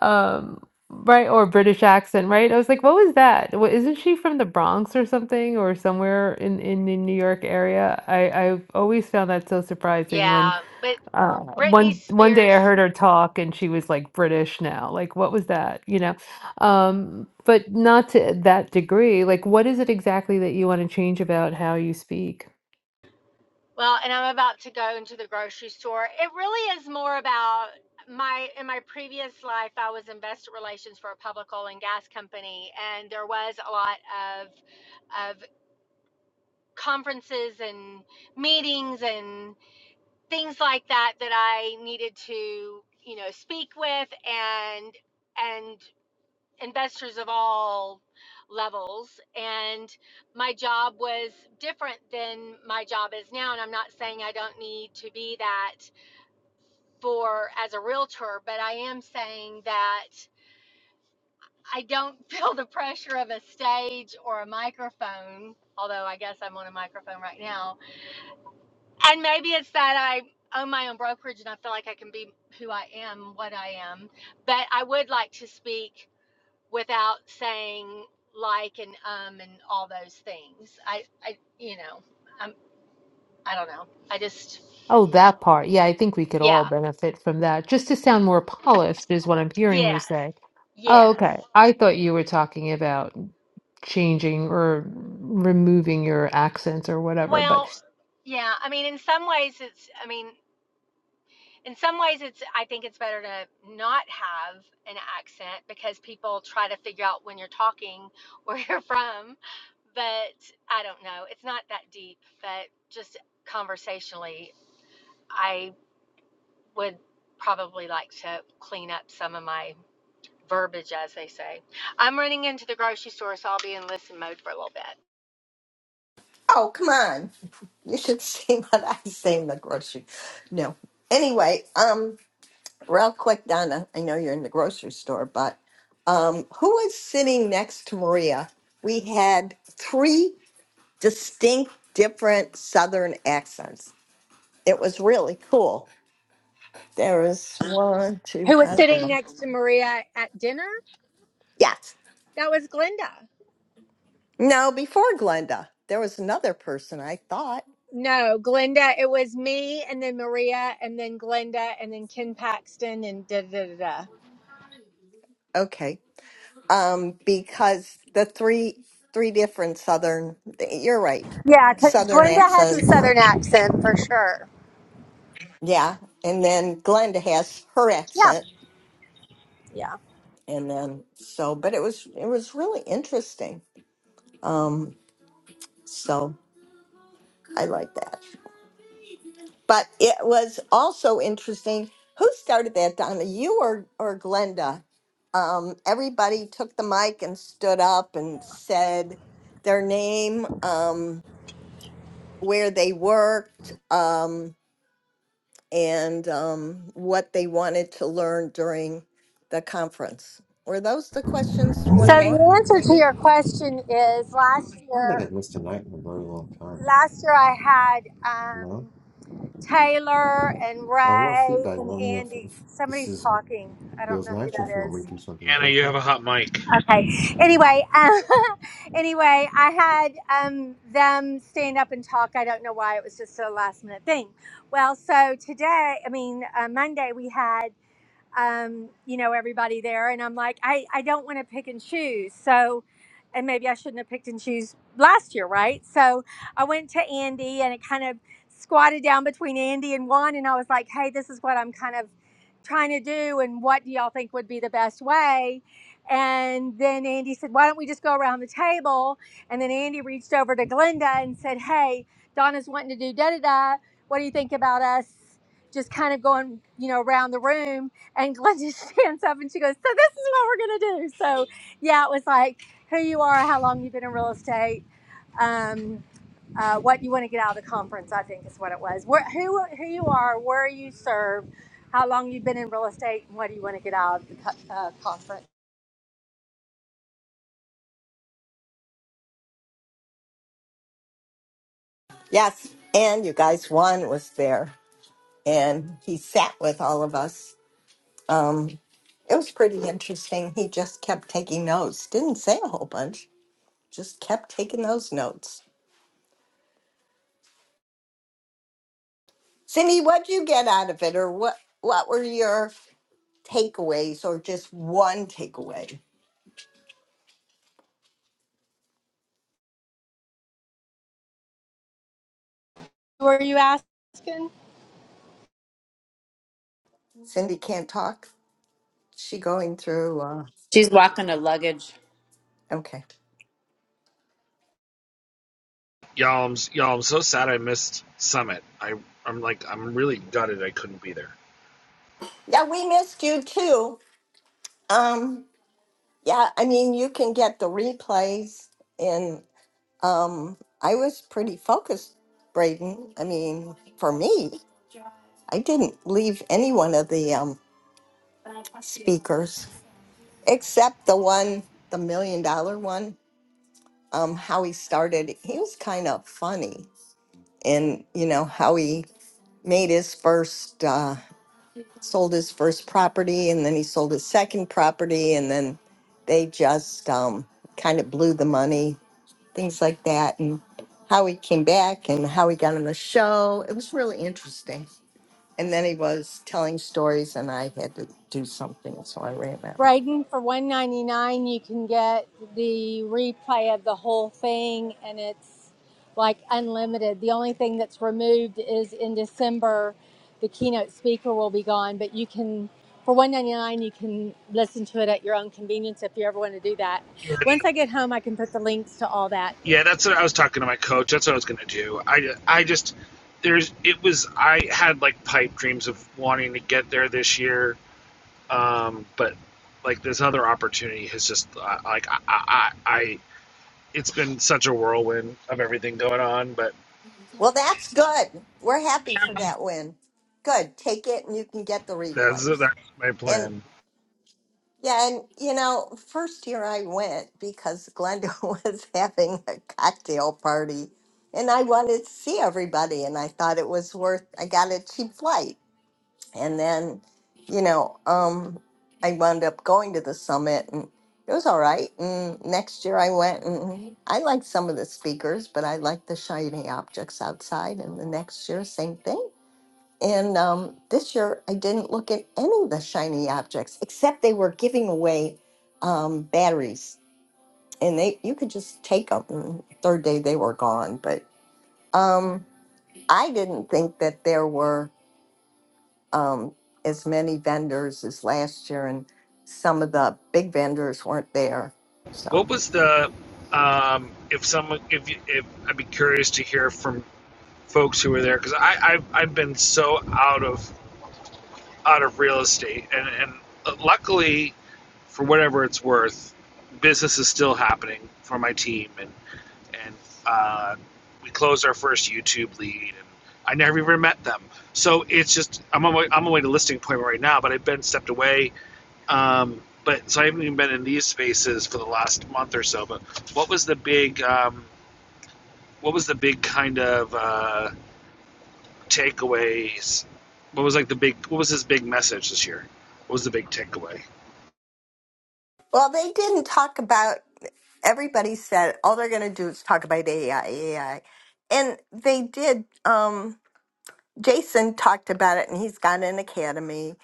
um, right, or British accent, right? I was like, what was that? What, isn't she from the Bronx or something, or somewhere in in the New York area? I I've always found that so surprising when yeah. But uh Britney one one day Spears, i heard her talk and she was like british now like what was that you know um but not to that degree like what is it exactly that you want to change about how you speak well, and I'm about to go into the grocery store. It really is more about my in my previous life I was investor relations for a public oil and gas company and there was a lot of of conferences and meetings and things like that that I needed to, you know, speak with and and investors of all levels and my job was different than my job is now and I'm not saying I don't need to be that for as a realtor but I am saying that I don't feel the pressure of a stage or a microphone although I guess I'm on a microphone right now and maybe it's that I own my own brokerage and I feel like I can be who I am what I am but I would like to speak without saying like and um and all those things. I I you know, I'm I don't know. I just oh that part yeah i think we could all yeah. benefit from that just to sound more polished is what i'm hearing Yes. you say Yes. oh okay i thought you were talking about changing or removing your accents or whatever but Well, yeah, I mean in some ways it's I mean in some ways it's I think it's better to not have an accent because people try to figure out when you're talking where you're from, but I don't know. It's not that deep, but just conversationally, I. would probably like to clean up some of my verbiage, as they say. I'm running into the grocery store, so I'll be in listen mode for a little bit. Oh, come on. You should see what I say in the grocery. No. Anyway, um, real quick, Donna, I know you're in the grocery store, but um, who was sitting next to Maria? We had three distinct, different Southern accents. It was really cool. There was one, two, I don't know. Yes. That was, No, before Glenda, there was another person I thought. no, Glenda. It was me, and then Maria, and then Glenda, and then Ken Paxton, and da da da da. Okay. um, because the three three different southern you're right Yeah, southern accents Southern accent for sure. yeah and then glenda has her Yeah. accent and then so but it was it was really interesting um so i like that but it was also interesting who started that donna you or or glenda um everybody took the mic and stood up and said their name um where they worked, um, and um, what they wanted to learn during the conference. Were those the questions? So One more, the answer to maybe? your question is last year. Last year I had um, Taylor and Ray and Andy. Somebody's talking. I don't know who that is. Anna, you have a hot mic. okay. Anyway, uh, anyway, I had um, them stand up and talk. I don't know why it was just a last minute thing. Well, so today, I mean uh, Monday, we had um, you know, everybody there. And I'm like, I, I don't want to pick and choose. So, and maybe I shouldn't have picked and choose last year, right? So I went to Andy and it kind of squatted down between Andy and Juan. And I was like, hey, this is what I'm kind of trying to do. And what do y'all think would be the best way? And then Andy said, why don't we just go around the table? And then Andy reached over to Glenda and said, hey, Donna's wanting to do da da da. What do you think about us just kind of going, you know, around the room? And Glenda stands up and she goes, So this is what we're gonna do. So yeah, it was like who you are, how long you've been in real estate, um, uh, what you want to get out of the conference, I think is what it was. Where, who who you are, where you serve, how long you've been in real estate, and what do you want to get out of the co- uh, conference? Yes. And you guys, Juan was there and he sat with all of us. Um, it was pretty interesting. He just kept taking notes, didn't say a whole bunch, just kept taking those notes. Cindy, what'd you get out of it, or what? What were your takeaways, or just one takeaway? Were you asking? Cindy can't talk. She going through. Uh, she's walking a luggage okay. Y'all, I'm, y'all, I'm so sad I missed Summit. I, I'm like, I'm really gutted I couldn't be there. Yeah, we missed you too. Um, yeah, I mean, you can get the replays, and um, I was pretty focused, Braden. I mean, for me, I didn't leave any one of the um, speakers except the one, the million dollar one. Um, how he started, he was kind of funny, and you know how he made his first. Uh, sold his first property and then he sold his second property and then they just um, kind of blew the money things like that and how he came back and how he got on the show it was really interesting and then he was telling stories and i had to do something so i ran out Brighton for one ninety nine. You can get the replay of the whole thing, and it's like unlimited. The only thing that's removed is in December, the keynote speaker will be gone. But you can, for one ninety nine, you can listen to it at your own convenience if you ever want to do that. Once I get home, I can put the links to all that. Yeah, that's what I was talking to my coach. That's what I was gonna do. I, I just, there's, it was, I had like pipe dreams of wanting to get there this year, um, but like this other opportunity has just, uh, like, I, I, I- it's been such a whirlwind of everything going on, but well that's good we're happy for that win good take it and you can get the that's that's replays my And. plan. Yeah, and you know, first year I went because Glenda was having a cocktail party and I wanted to see everybody and I thought it was worth I got a cheap flight. And then, you know, um I wound up going to the summit and it was all right. And next year I went and I liked some of the speakers, but I liked the shiny objects outside and the next year same thing. And um, this year, I didn't look at any of the shiny objects except they were giving away um, batteries, and they you could just take them. And third day, they were gone. But um, I didn't think that there were um, as many vendors as last year, and some of the big vendors weren't there. What So, was the um, if someone if you- if I'd be curious to hear from folks who were there because I I've, I've been so out of out of real estate and and uh, luckily for whatever it's worth, business is still happening for my team and and uh, we closed our first YouTube lead and I never even met them so it's just I'm on my, I'm on my way to listing appointment right now but I've been stepped away um, but so I haven't even been in these spaces for the last month or so. But what was the big, um, what was the big kind of uh, takeaways? What was like the big, what was his big message this year? What was the big takeaway? well, they didn't talk about everybody said all they're going to do is talk about AI, AI, and they did. Um, Jason talked about it and he's got an academy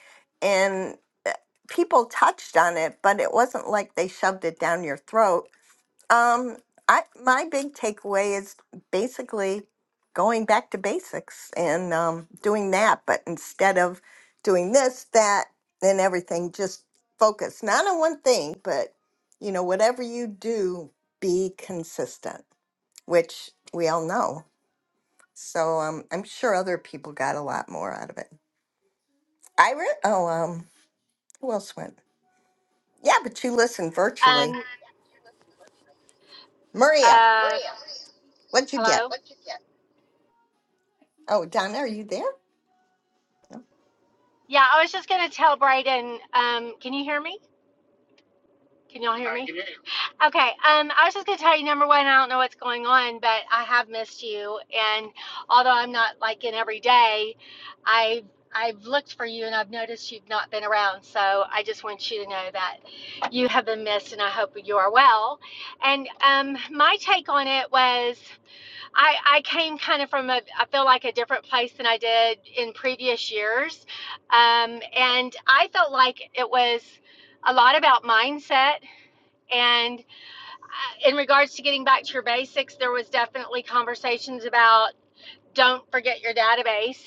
and uh, people touched on it, but it wasn't like they shoved it down your throat. Um, I my big takeaway is basically going back to basics and um, doing that, but instead of doing this, that, and everything, just focus not on one thing, but you know whatever you do, be consistent, which we all know so um, I'm sure other people got a lot more out of it. Ira, oh um, who else went? Yeah, but you listened virtually. Um. Maria, Uh. what'd you get? Hello. Oh, Donna, are you there? No. Yeah, I was just gonna tell Brighton. Um. Can you hear me? Can y'all hear me? Okay, um, I was just gonna tell you number one, I don't know what's going on, but I have missed you, and although I'm not like in every day, I I've looked for you and I've noticed you've not been around, so I just want you to know that you have been missed, and I hope you are well. And um, my take on it was I I came kind of from a I feel like a different place than I did in previous years, um, and I felt like it was a lot about mindset and uh, in regards to getting back to your basics, there was definitely conversations about don't forget your database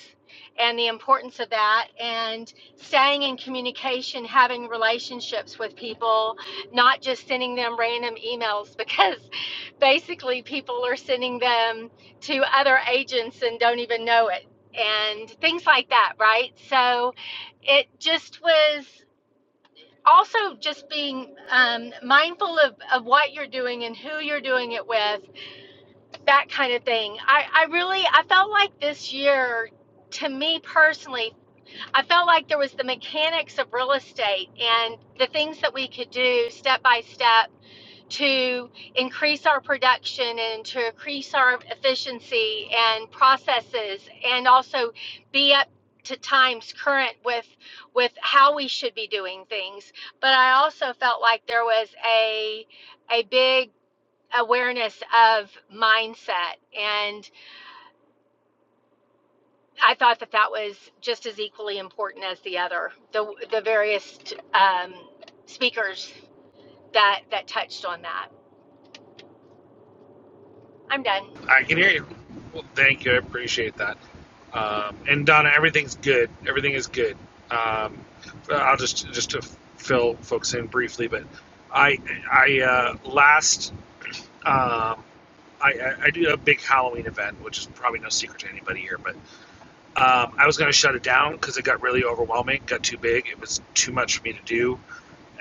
and the importance of that and staying in communication, having relationships with people, not just sending them random emails because basically people are sending them to other agents and don't even know it and things like that, right? So it just was also just being um, mindful of, of what you're doing and who you're doing it with that kind of thing I, I really i felt like this year to me personally i felt like there was the mechanics of real estate and the things that we could do step by step to increase our production and to increase our efficiency and processes and also be up to times current with with how we should be doing things but i also felt like there was a a big awareness of mindset and i thought that that was just as equally important as the other the the various um, speakers that that touched on that i'm done I can hear you. Well, thank you. I appreciate that. Um, and Donna, everything's good. Everything is good. Um, I'll just just to fill folks in briefly, but I I uh, last um, I, I, I do a big Halloween event, which is probably no secret to anybody here. But um, I was going to shut it down because it got really overwhelming, got too big. It was too much for me to do.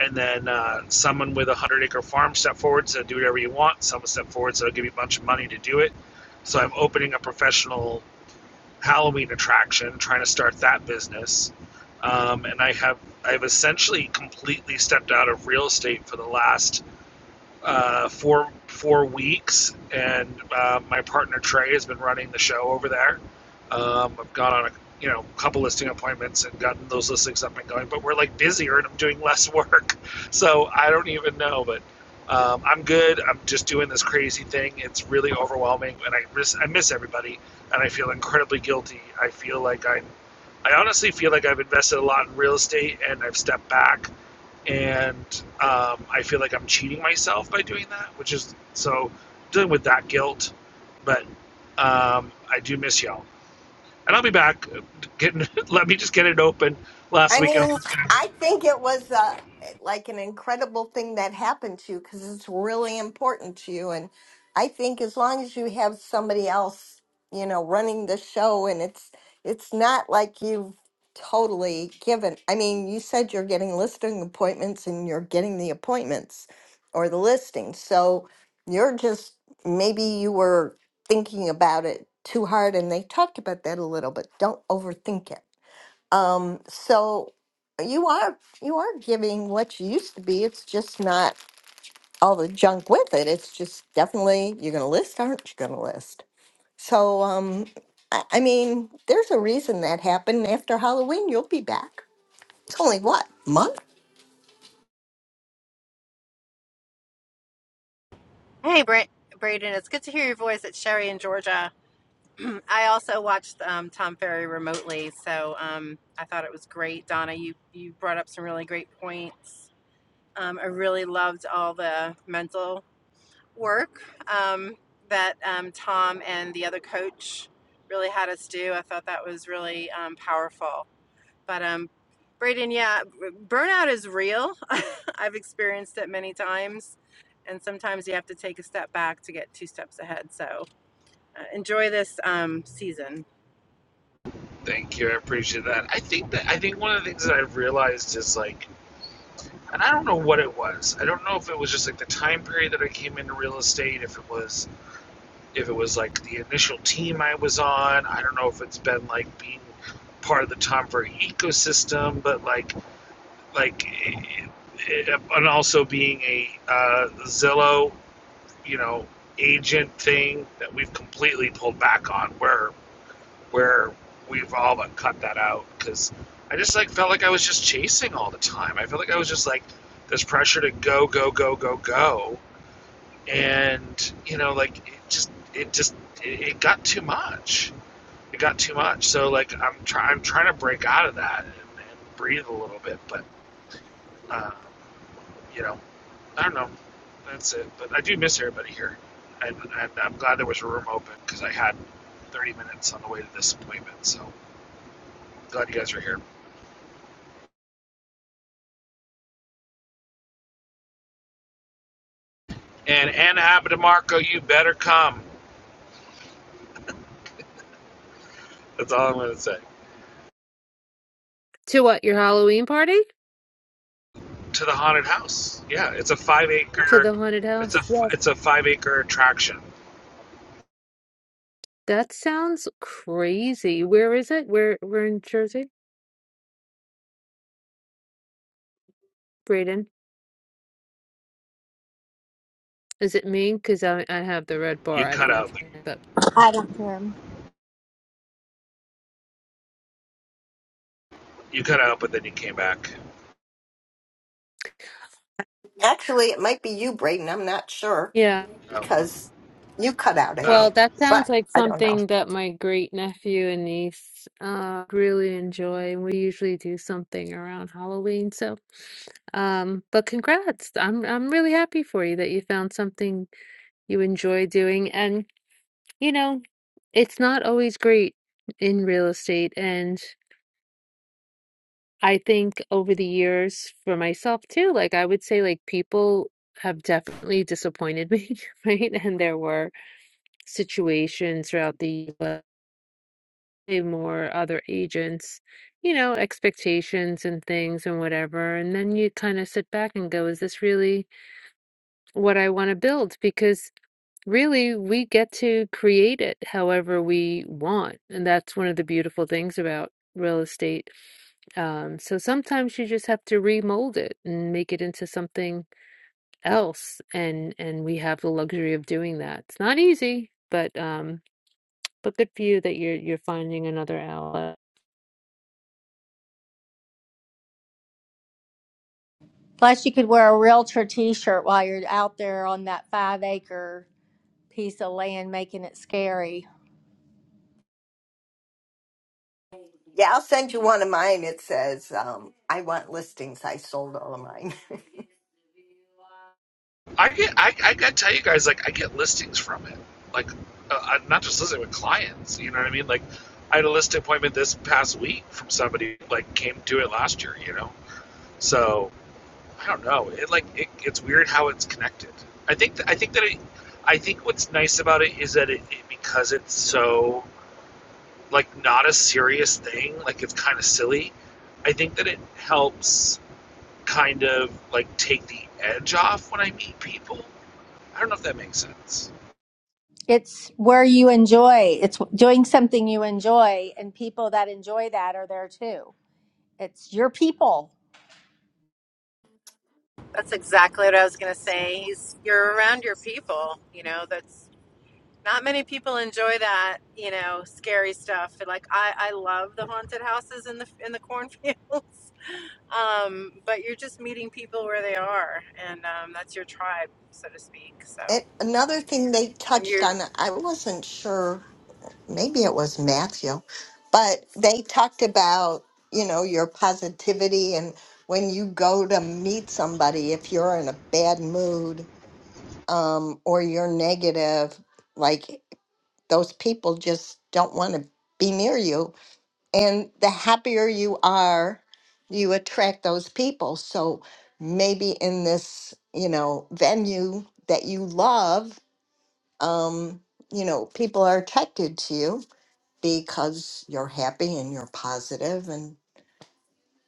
And then uh, someone with a hundred acre farm stepped forward, and said, "Do whatever you want." Someone stepped forward, and said, "I'll give you a bunch of money to do it." So I'm opening a professional Halloween attraction, trying to start that business. Um, and I have I've essentially completely stepped out of real estate for the last uh, four four weeks, and uh, my partner Trey has been running the show over there. Um, I've gone on a you know couple listing appointments and gotten those listings up and going, but we're like busier and I'm doing less work, so I don't even know. But um, I'm good. I'm just doing this crazy thing. It's really overwhelming, and I miss I miss everybody, and I feel incredibly guilty. I feel like I I honestly feel like I've invested a lot in real estate and I've stepped back and um, I feel like I'm cheating myself by doing that, which is so dealing with that guilt. But um, I do miss y'all, and I'll be back. Getting let me just get it open last I weekend. mean, I think it was uh, like an incredible thing that happened to you because it's really important to you. And I think as long as you have somebody else, you know, running the show, and it's it's not like you've totally given. I mean, you said you're getting listing appointments, and you're getting the appointments or the listings. So you're just maybe you were thinking about it too hard, and they talked about that a little. But don't overthink it um, so you are you are giving what you used to be. It's just not all the junk with it. It's just definitely you're gonna list, aren't you gonna list? So um I, I mean, there's a reason that happened. After Halloween you'll be back. It's only what, month? Hey, Bra- Braden, it's good to hear your voice. It's Sherry in Georgia. I also watched um, Tom Ferry remotely, so um, I thought it was great. Donna, you you brought up some really great points. Um, I really loved all the mental work um, that um, Tom and the other coach really had us do. I thought that was really um, powerful. But um, Braden, yeah, burnout is real. I've experienced it many times, and sometimes you have to take a step back to get two steps ahead. So uh, enjoy this um, season. Thank you, I appreciate that. I think that I think one of the things that I've realized is like, and I don't know what it was. I don't know if it was just like the time period that I came into real estate, if it was if it was like the initial team I was on. I don't know if it's been like being part of the Tom Ferry ecosystem, but like like, eh, and also being a uh, Zillow, you know, agent thing that we've completely pulled back on, where where we've all but cut that out because I just like felt like I was just chasing all the time. I felt like I was just like this pressure to go, go, go, go, go, and you know, like it just it just it, it got too much. It got too much. So like I'm trying I'm trying to break out of that and, and breathe a little bit, but. Uh, you know, I don't know. That's it. But I do miss everybody here, and, and I'm glad there was a room open because I had 30 minutes on the way to this appointment. So glad you guys are here. And Anna Abadamarco, you better come. That's all I'm going to say. to what your halloween party To the haunted house. Yeah, it's a five to acre. the haunted It's a house yes it's a five acre attraction. That sounds crazy. Where is it? Where we're in Jersey? Braden. Is it me? Because I I have the red bar. You I don't cut know if out. you know, but I don't care. You cut out, but then you came back. Actually it might be you, Braden, I'm not sure yeah. Oh, because you cut out, I Well, oh. think. that sounds But like I don't know. something that my great nephew and niece uh really enjoy. We usually do something around Halloween, so um, but congrats. I'm I'm really happy for you that you found something you enjoy doing and you know, it's not always great in real estate. And I think over the years for myself too, like I would say like people have definitely disappointed me, right? And there were situations throughout the year where more other agents, you know, expectations and things and whatever. And then you kind of sit back and go, is this really what I want to build? Because Really, we get to create it however we want. And that's one of the beautiful things about real estate. Um, so sometimes you just have to remold it and make it into something else. And and we have the luxury of doing that. It's not easy, but um, but good for you that you're you're finding another outlet. Plus, you could wear a realtor T-shirt while you're out there on that five-acre piece of land, making it scary. Yeah, I'll send you one of mine. It says, um, I want listings. I sold all of mine. I get, I, I gotta tell you guys, like, I get listings from it. Like, uh, I'm not just listening with clients, you know what I mean? Like, I had a listing appointment this past week from somebody, who, like, came to it last year, you know? So, I don't know. It, like, it, it's weird how it's connected. I think, th- I think that it, I think what's nice about it is that it, it because it's so, like, not a serious thing, like, it's kind of silly. I think that it helps kind of, like, take the edge off when I meet people I don't know if that makes sense. It's where you enjoy. It's doing something you enjoy, and people that enjoy that are there too. It's your people, That's exactly what I was going to say. He's, you're around your people. You know, that's not many people enjoy that. You know, scary stuff. Like I, I love the haunted houses in the in the cornfields. Um, but you're just meeting people where they are, and um, that's your tribe, so to speak. So. it, another thing they And touched you, on, I wasn't sure, maybe it was Matthew, but they talked about, you know, your positivity and when you go to meet somebody, if you're in a bad mood um, or you're negative, like those people just don't want to be near you. And the happier you are, you attract those people. So maybe in this, you know, venue that you love, um, you know, people are attracted to you because you're happy and you're positive and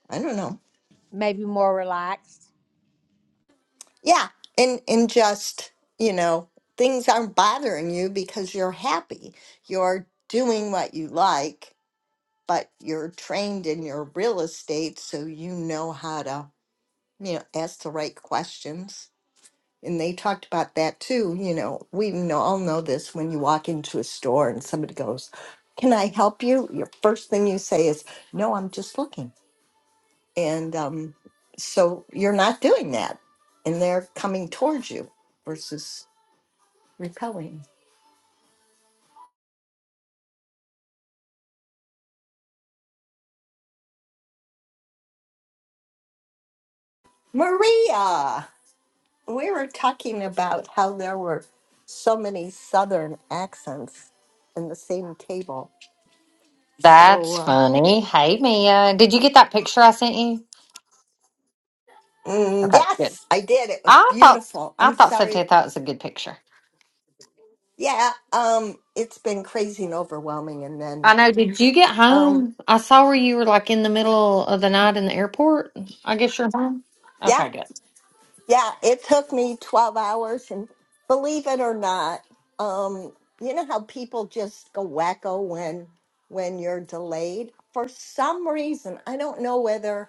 I don't know. maybe more relaxed. Yeah. And and just, you know, things aren't bothering you because you're happy. You're doing what you like, but you're trained in your real estate so you know how to, you know, ask the right questions And they talked about that too. You know, we know, all know this when you walk into a store and somebody goes, Can I help you? Your first thing you say is, No, I'm just looking. And um, so you're not doing that. And they're coming towards you versus repelling. Maria, we were talking about how there were so many Southern accents in the same table. So, That's uh, funny. Hey, Mia, did you get that picture I sent you? mm, Okay, good. yes, I did. It was I thought beautiful. I I'm thought so too. sorry I thought it was a good picture. Yeah, um, it's been crazy and overwhelming. And I then, know. Did you get um, home? I saw where you were like in the middle of the night in the airport. I guess you're home. yeah, Okay, good. yeah, it took me 12 hours. And believe it or not, um, you know how people just go wacko when when you're delayed? For some reason, I don't know whether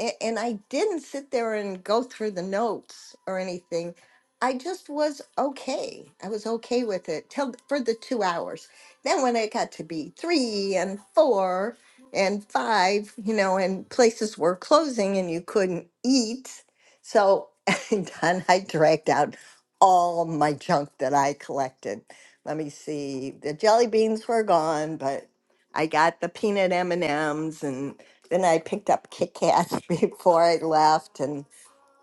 a- and I didn't sit there and go through the notes or anything. I just was okay. I was okay with it till for the two hours. Then when it got to be three and four and five, you know, and places were closing and you couldn't eat, so done. I dragged out all my junk that I collected. Let me see. The jelly beans were gone, but I got the peanut M and M's and and I picked up Kit Kats before I left, and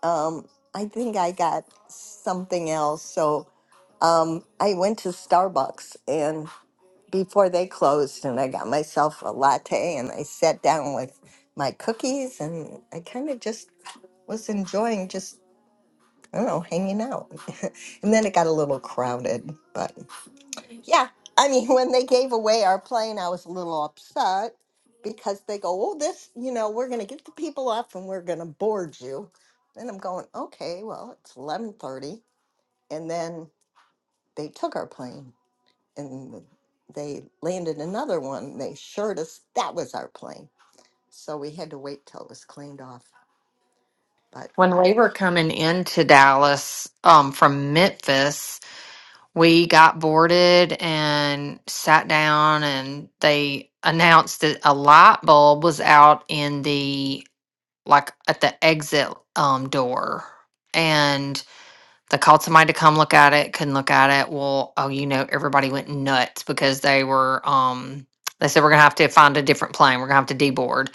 um, I think I got something else. So um, I went to Starbucks, and before they closed, and I got myself a latte, and I sat down with my cookies, and I kind of just was enjoying just I don't know hanging out, and then it got a little crowded, but. Yeah. I mean, when they gave away our plane, I was a little upset because they go, oh, this, you know, we're going to get the people up and we're going to board you. Then I'm going, okay, well, it's 1130. And then they took our plane and they landed another one. They assured us that was our plane. So we had to wait till it was cleaned off. But When we were coming into Dallas um, from Memphis, we got boarded and sat down, and they announced that a light bulb was out in the like at the exit um door and they called somebody to come look at it couldn't look at it well oh you know everybody went nuts because they were um they said we're gonna have to find a different plane we're gonna have to deboard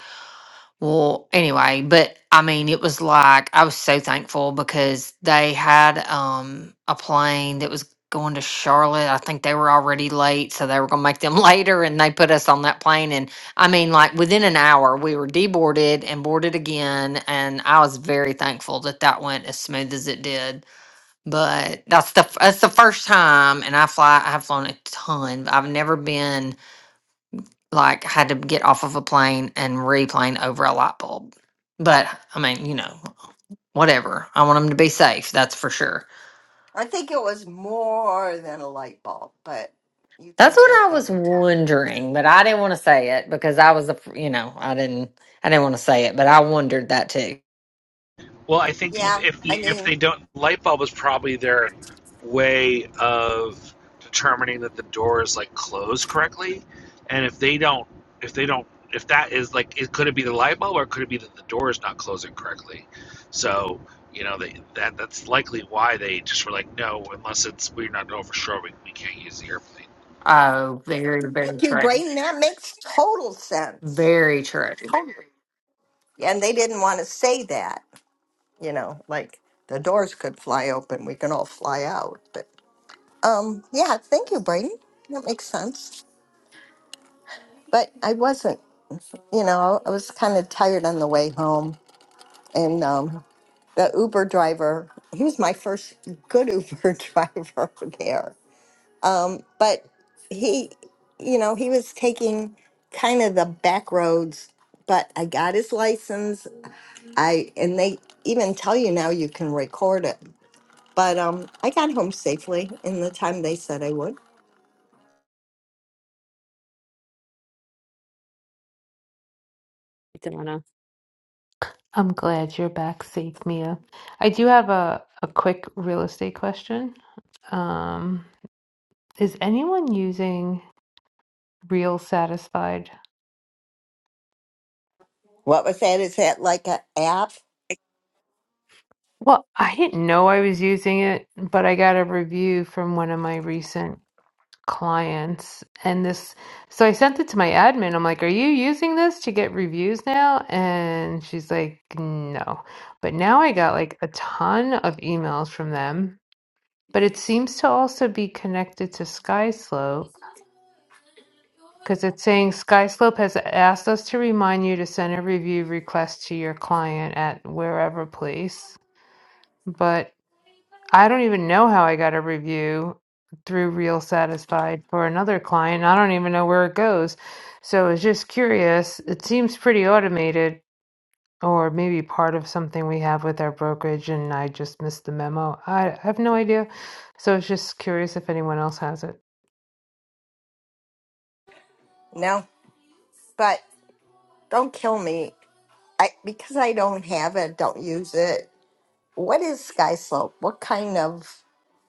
well, anyway, but I mean, it was like I was so thankful because they had um a plane that was going to Charlotte. I think they were already late, so they were going to make them later and they put us on that plane and I mean, like within an hour we were deboarded and boarded again and I was very thankful that that went as smooth as it did. But that's the f- that's the first time and I fly I have flown a ton. but I've never been like had to get off of a plane and replane over a light bulb. But I mean, you know, whatever. I want them to be safe. That's for sure. I think it was more than a light bulb, but you That's think what that I they was would tell you. wondering, but I didn't want to say it because I was, a, you know, I didn't, I didn't want to say it, but I wondered that too. Well, I think Yeah. if I if mean, they don't, light bulb is probably their way of determining that the door is like closed correctly. And if they don't, if they don't, if that is like, it could it be the light bulb or could it be that the door is not closing correctly? So you know they, that that's likely why they just were like, no, unless it's we're not over sure we, we can't use the airplane. Oh, very, Thank very you, true. Brayden. That makes total sense. Very true. And they didn't want to say that, you know, like the doors could fly open, we can all fly out. But um, yeah, thank you, Brayden. That makes sense. But I wasn't, you know, I was kind of tired on the way home. And um, the Uber driver, he was my first good Uber driver there. Um, but he, you know, he was taking kind of the back roads but I got his license I and they even tell you now you can record it. But um, I got home safely in the time they said I would. Donna. I'm glad you're back safe, Mia. I do have a, a quick real estate question. Um, is anyone using Real Satisfied? What was that? Is that like an app? Well, I didn't know I was using it, but I got a review from one of my recent clients. And this, so I sent it to my admin. I'm like, Are you using this to get reviews now? And she's like, No. But now I got like a ton of emails from them. But it seems to also be connected to SkySlope because it's saying SkySlope has asked us to remind you to send a review request to your client at wherever place. But I don't even know how I got a review through Real Satisfied for another client. I don't even know where it goes. So I was just curious. It seems pretty automated. Or maybe part of something we have with our brokerage, and I just missed the memo. I, I have no idea. So I was just curious if anyone else has it. No, but don't kill me. I because I don't have it. Don't use it. What is sky slope? What kind of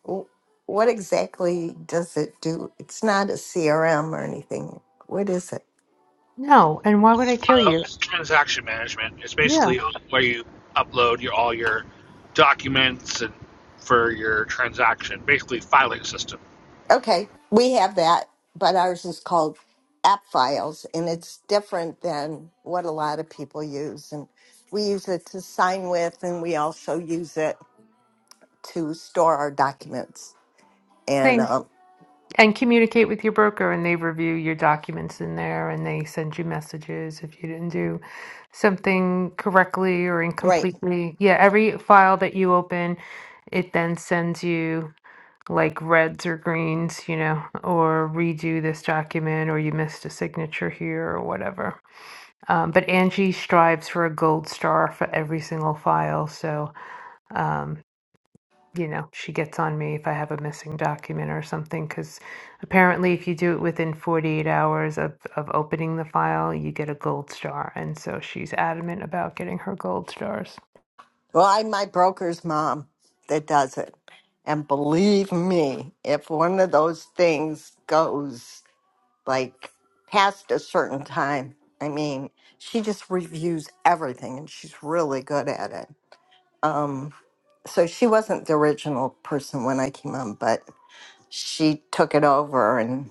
wh- what exactly does it do? It's not a CRM or anything. What is it? No, and why would I kill Uh, you? it's transaction management. It's Yeah, basically where you upload your all your documents and for your transaction, basically filing system. Okay, we have that, but ours is called app files, and it's different than what a lot of people use. And we use it to sign with, and we also use it to store our documents. And same. um, And communicate with your broker, and they review your documents in there, and they send you messages if you didn't do something correctly or right, incompletely. Yeah, every file that you open, it then sends you like reds or greens, you know, or redo this document, or you missed a signature here, or whatever. Um, but Angie strives for a gold star for every single file, so. um, you know, she gets on me if I have a missing document or something, because apparently, if you do it within 48 hours of, of opening the file, you get a gold star. And so she's adamant about getting her gold stars. well, I'm my broker's mom that does it, and believe me, if one of those things goes like past a certain time, I mean, she just reviews everything, and she's really good at it. Um, so she wasn't the original person when I came on, but she took it over, and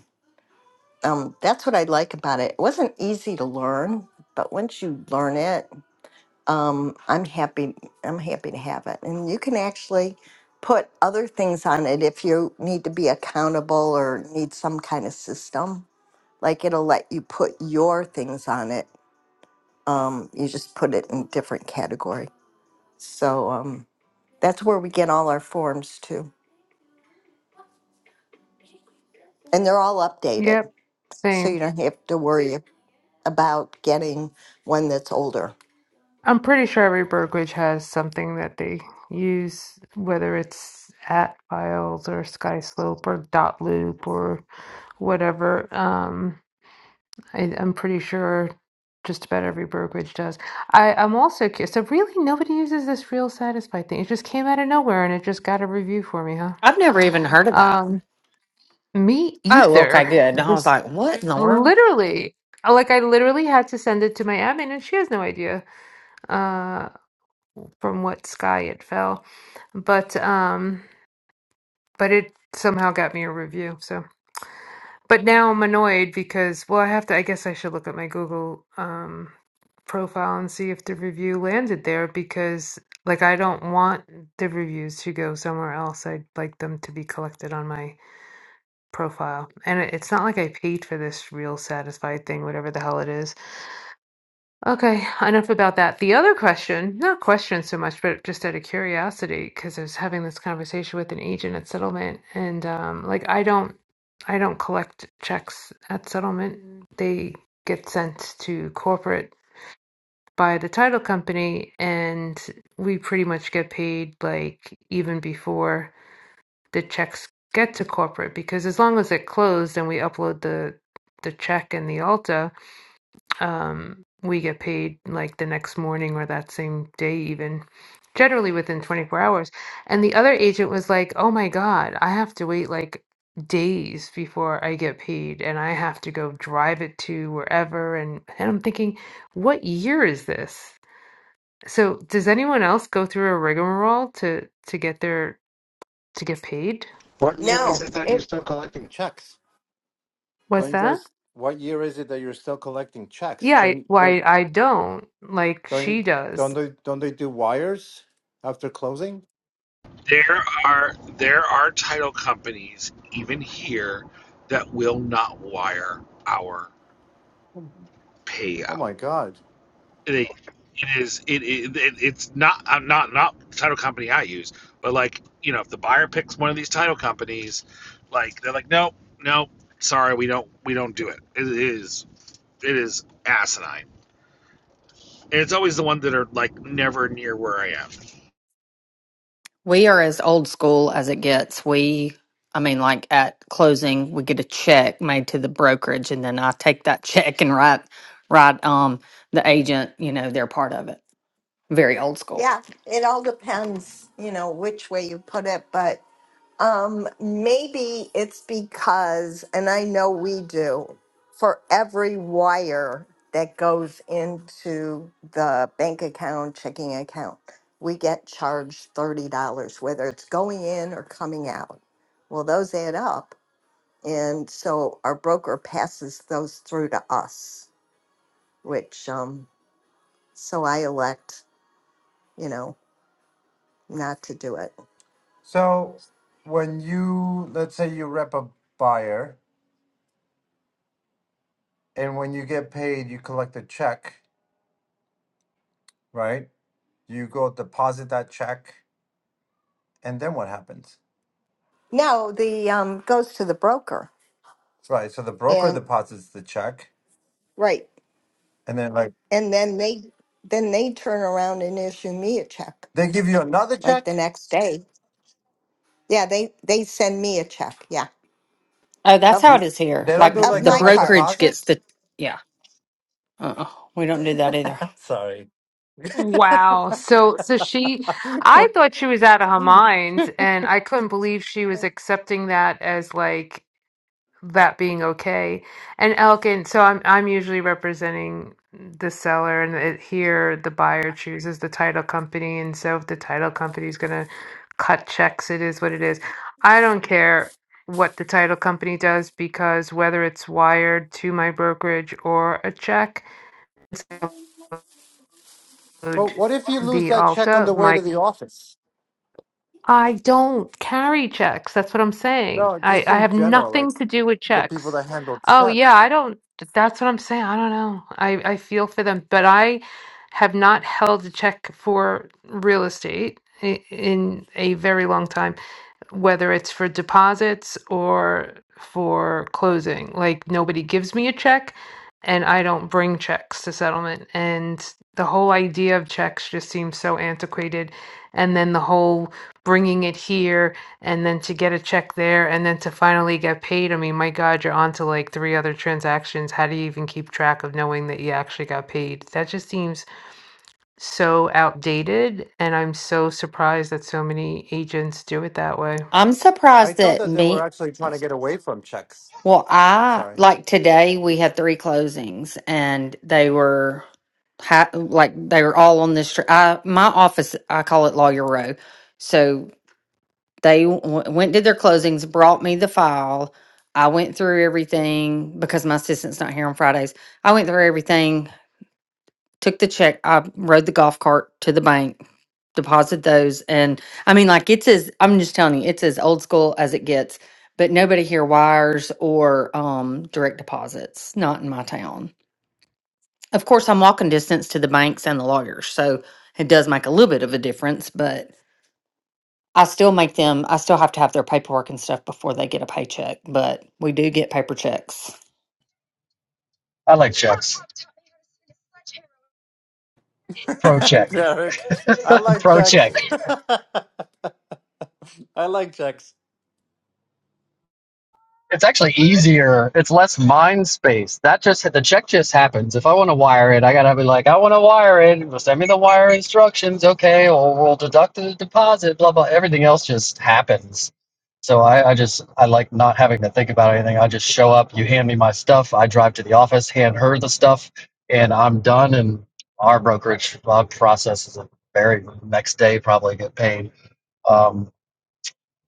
um, that's what I like about it. It wasn't easy to learn, but once you learn it, um, I'm happy. I'm happy to have it, and you can actually put other things on it if you need to be accountable or need some kind of system. Like it'll let you put your things on it. Um, you just put it in different category. So um, that's where we get all our forms too. And they're all updated. Yep, So you same. don't have to worry about getting one that's older. I'm pretty sure every brokerage has something that they use, whether it's at files or Skyslope or dot loop or whatever. Um, I, I'm pretty sure just about every brokerage does. I, I'm also curious. So really, nobody uses this real satisfied thing. It just came out of nowhere and it just got a review for me, huh? I've never even heard of that. Um, me Oh, okay, either. good. I was Just like, what in the world? literally, like I literally had to send it to my admin, and she has no idea uh, from what sky it fell. But um, but it somehow got me a review. So. but now I'm annoyed because well I have to I guess I should look at my Google um profile and see if the review landed there because like I don't want the reviews to go somewhere else. I'd like them to be collected on my profile. And it- it's not like I paid for this real satisfied thing whatever the hell it is. Okay, enough about that. The other question, not question so much, but just out of curiosity, because I was having this conversation with an agent at settlement, and um, like I don't, I don't collect checks at settlement. They get sent to corporate by the title company, and we pretty much get paid like even before the checks get to corporate, because as long as it closed and we upload the the check in the Alta, um, we get paid like the next morning or that same day, even generally within 24 hours. And the other agent was like, Oh my God, I have to wait like days before I get paid and I have to go drive it to wherever. And, and I'm thinking, What year is this? So does anyone else go through a rigmarole to to get their to get paid? What year is No, it that you're it, still collecting checks? What's Don't you that? guys? What year is it that you're still collecting checks? Yeah, I, Don't don't why I don't like she don't does. don't they, don't they do wires after closing? There are there are title companies even here that will not wire our Oh payout. my god! They, it is it, it, it it's not I'm not not the title company I use, but like you know if the buyer picks one of these title companies, like they're like no no sorry we don't we don't do it. It is it is asinine. And it's always the one that are like never near where I am. We are as old school as it gets. We, I mean, like at closing, we get a check made to the brokerage, and then I take that check and write, write um the agent. You know, they're part of it. Very old yeah, school. it all depends, you know, which way you put it. But um, maybe it's because, and I know we do, for every wire that goes into the bank account, checking account, we get charged $30, whether it's going in or coming out. Well, those add up. And so our broker passes those through to us, which, um, so I elect, you know, not to do it. So when you let's say you rep a buyer and when you get paid you collect a check, right? You go deposit that check and then what happens? No, the, um, goes to the broker Right. So the broker and, deposits the check right. and then like And then they, then they turn around and issue me a check they give you another like the check? next day. Yeah, they, they send me a check. Yeah. Oh, that's Of, how it You, is here. they don't do Like of like the my direct part. brokerage gets deposits? the yeah. Uh, uh we don't do that either. I'm sorry. Wow. So so she I thought she was out of her mind and I couldn't believe she was accepting that as like that being okay. And Elkin, so I'm I'm usually representing the seller and it, here the buyer chooses the title company and so if the title company is going to cut checks it is what it is. I don't care what the title company does because whether it's wired to my brokerage or a check Road, But what if you lose the that check on altar, the way to my the office? I don't carry checks. That's what I'm saying. No, I just I in have general, like nothing to do with the people checks. that handled Oh yeah, checks. I don't. That's what I'm saying. I don't know. I I feel for them, but I have not held a check for real estate i- in a very long time whether it's for deposits or for closing. Like nobody gives me a check and I don't bring checks to settlement. And the whole idea of checks just seems so antiquated. And then the whole bringing it here and then to get a check there and then to finally get paid. I mean, my God, you're on to like three other transactions. How do you even keep track of knowing that you actually got paid? That just seems so outdated. And I'm so surprised that so many agents do it that way. I'm I surprised thought that that they me. were actually trying to get away from checks. Well, I Sorry. like today we had three closings and they were ha- like they were all on this. Tr- I, my office, I call it Lawyer Row. So they w- went did their closings, brought me the file. I went through everything because my assistant's not here on Fridays. I went through everything took the check. I rode the golf cart to the bank, deposit those, and I mean, like it's as I'm just telling you, it's as old school as it gets. But nobody here wires or um, direct deposits. Not in my town. Of course, I'm walking distance to the banks and the lawyers, so it does make a little bit of a difference. But I still make them. I still have to have their paperwork and stuff before they get a paycheck. But we do get paper checks. I like checks. Pro check. Derek, I like Pro checks. check. I like checks. It's actually easier. It's less mind space. That just the check just happens. If I want to wire it, I gotta be like, I want to wire it. Well, Send me the wire instructions, okay? Or we'll deduct the deposit. Blah blah. Everything else just happens. So I, I just I like not having to think about anything. I just show up. You hand me my stuff. I drive to the office, hand her the stuff, and I'm done. And our brokerage uh, processes it very next day. Probably get paid. Um,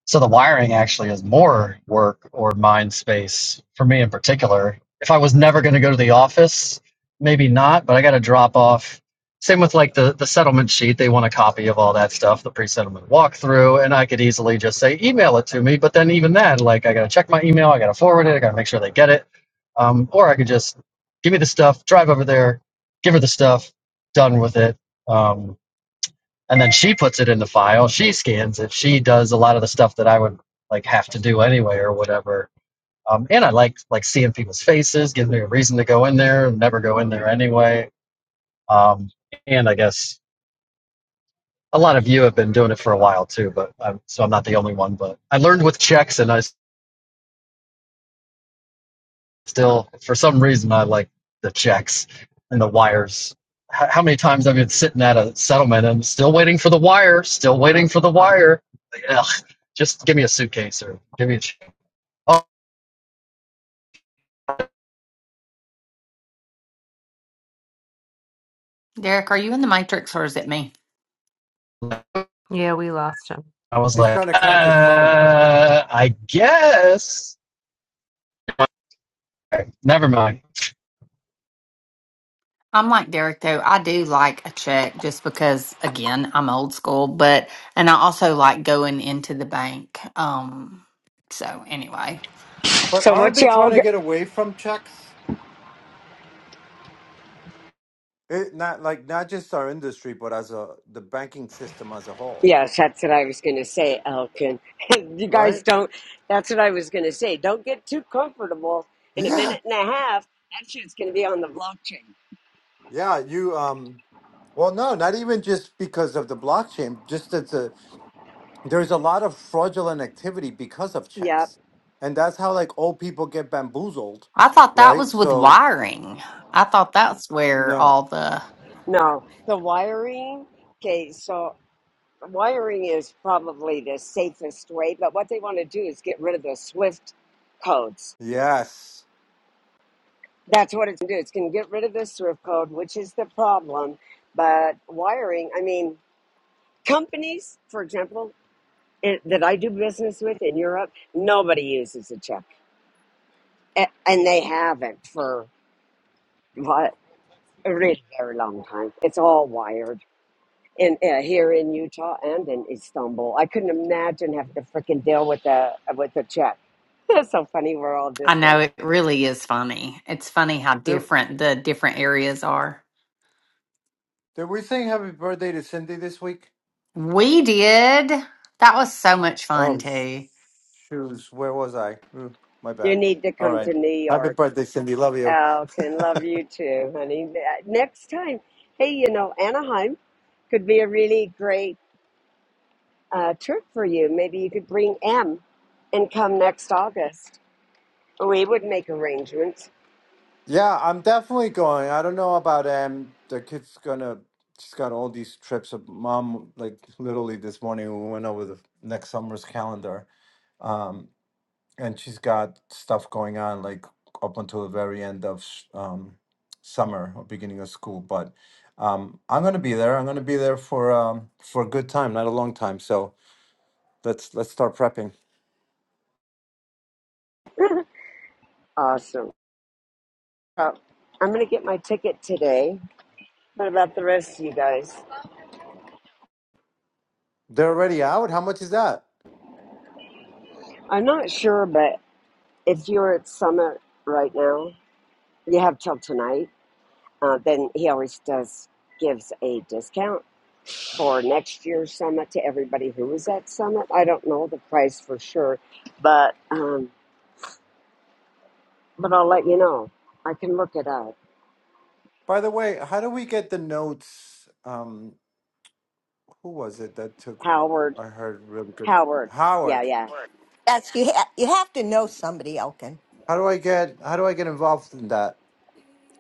so the wiring actually is more work or mind space for me in particular. If I was never going to go to the office, maybe not, but I got to drop off. Same with like the, the settlement sheet. They want a copy of all that stuff, the pre settlement walkthrough. And I could easily just say, email it to me. But then even then, like I got to check my email, I got to forward it, I got to make sure they get it. Um, or I could just give me the stuff, drive over there, give her the stuff, done with it. Um, and then she puts it in the file she scans it she does a lot of the stuff that i would like have to do anyway or whatever um, and i like like seeing people's faces gives me a reason to go in there never go in there anyway um, and i guess a lot of you have been doing it for a while too but I'm, so i'm not the only one but i learned with checks and i Still, for some reason, I like the checks and the wires. H- how many times I've been sitting at a settlement and still waiting for the wire, still waiting for the wire. Like, Ugh, just give me a suitcase or give me a check. Oh, Derek, are you in the Matrix or is it me? Yeah, we lost him. I was He's like, trying to crank his phone. uh, I guess. Never mind. I'm like Derek though. I do like a check just because again, I'm old school, but and I also like going into the bank. Um so anyway, But So aren't what they trying y'all? to Go- get away from checks? It, not like not just our industry, but as a the banking system as a whole, yes, that's what I was gonna say, Elkin. you right? guys don't. That's what I was gonna say. Don't get too comfortable. In a Yeah, minute and a half, that shit's gonna be on the blockchain. yeah. You um, well, no, not even just because of the blockchain. Just as a there's a lot of fraudulent activity because of Yep. checks and that's how like old people get bamboozled I thought that right was with so wiring. I thought that's where no all the No, the wiring. Okay, so wiring is probably the safest way. But what they want to do is get rid of the Swift codes. yes That's what it's gonna do. It's gonna get rid of the Swift code, which is the problem. But wiring, I mean. companies, for example, it, that I do business with in Europe, nobody uses a check, A- and they haven't for what a really very long time. It's all wired. In, uh, here in Utah and in Istanbul, I couldn't imagine having to freaking deal with a with a check. That's so funny. We're all I know different. it really is funny. It's funny how there different the different areas are. did we sing happy birthday to cindy this week We did. That was so much fun oh sh- too. shoes where was i Mm, my You bad need to all come right to New happy York. birthday cindy love you Oh, can love you too, honey. Uh, Next time, hey, you know Anaheim could be a really great uh, trip for you. Maybe you could bring M and come next August. We would make arrangements. yeah i'm definitely going i don't know about um the kid's gonna she's got all these trips of mom like literally this morning we went over the next summer's calendar Um. and she's got stuff going on like up until the very end of sh- um, summer or beginning of school. But um, I'm gonna be there. I'm gonna be there for um, for a good time, not a long time. So let's let's start prepping. Awesome. Uh, I'm going to get my ticket today. What about the rest of you guys? They're already out. How much is that? I'm not sure, but if you're at Summit right now, you have till tonight. Uh, then he always does gives a discount for next year's summit to everybody who was at summit. I don't know the price for sure, but um, but I'll let you know. I can look it up. By the way, how do we get the notes? Um, who was it that took? Howard. I heard really good Howard. Yeah, Howard. yeah. Yes, you ha- you have to know somebody, Elkin. How do I get how do I get involved in that?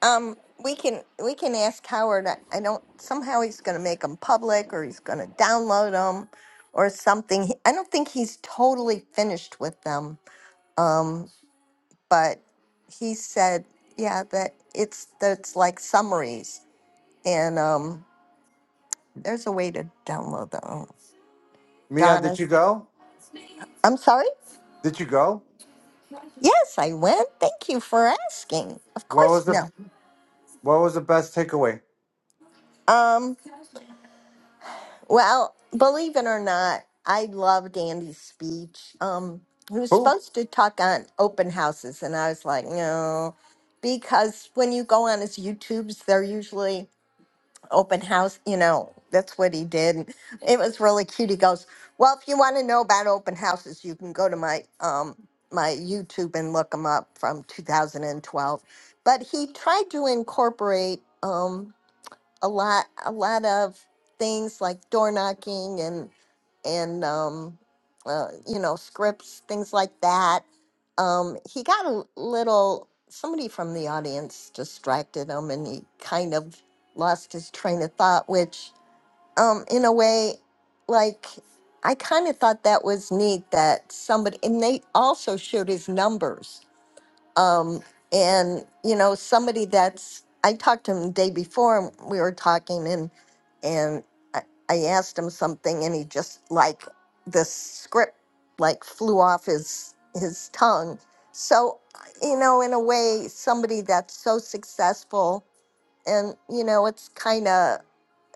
Um, we can we can ask Howard. I, I don't somehow he's going to make them public, or he's going to download them, or something. He- I don't think he's totally finished with them. Um, but he said, yeah, that it's that's like summaries, and um, there's a way to download them. Mia, did you Donna's. go? I'm sorry. Did you go? Yes, I went. Thank you for asking. Of What course, was the no. what was the best takeaway? Um, Well, believe it or not, I loved Andy's speech. Um, he was Who? supposed to talk on open houses, and I was like, no, because when you go on his YouTubes, they're usually open house. You know, that's what he did. It was really cute. He goes, "Well, if you want to know about open houses, you can go to my um my YouTube and look them up from 2012." But he tried to incorporate. Um, a lot a lot of things like door knocking and and um, uh, you know scripts things like that um, he got a little somebody from the audience distracted him and he kind of lost his train of thought which um, in a way like i kind of thought that was neat that somebody and they also showed his numbers um, and you know somebody that's i talked to him the day before and we were talking and and I, I asked him something and he just like the script like flew off his his tongue so you know in a way somebody that's so successful and you know it's kind of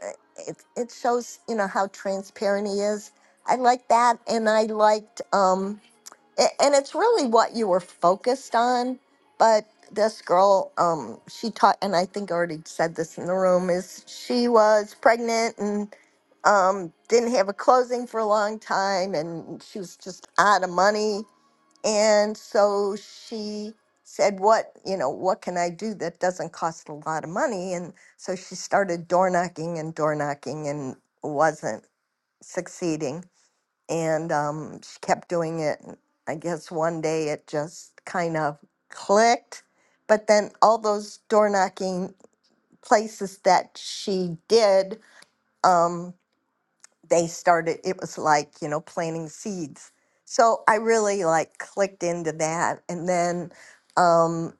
uh, it, it shows you know how transparent he is i like that and i liked um a- and it's really what you were focused on but this girl um she taught and i think I already said this in the room is she was pregnant and um didn't have a closing for a long time and she was just out of money and so she said what you know what can i do that doesn't cost a lot of money and so she started door knocking and door knocking and wasn't succeeding and um, she kept doing it. And I guess one day it just kind of clicked. But then all those door knocking places that she did, um, they started it was like you know planting seeds so i really like clicked into that and then um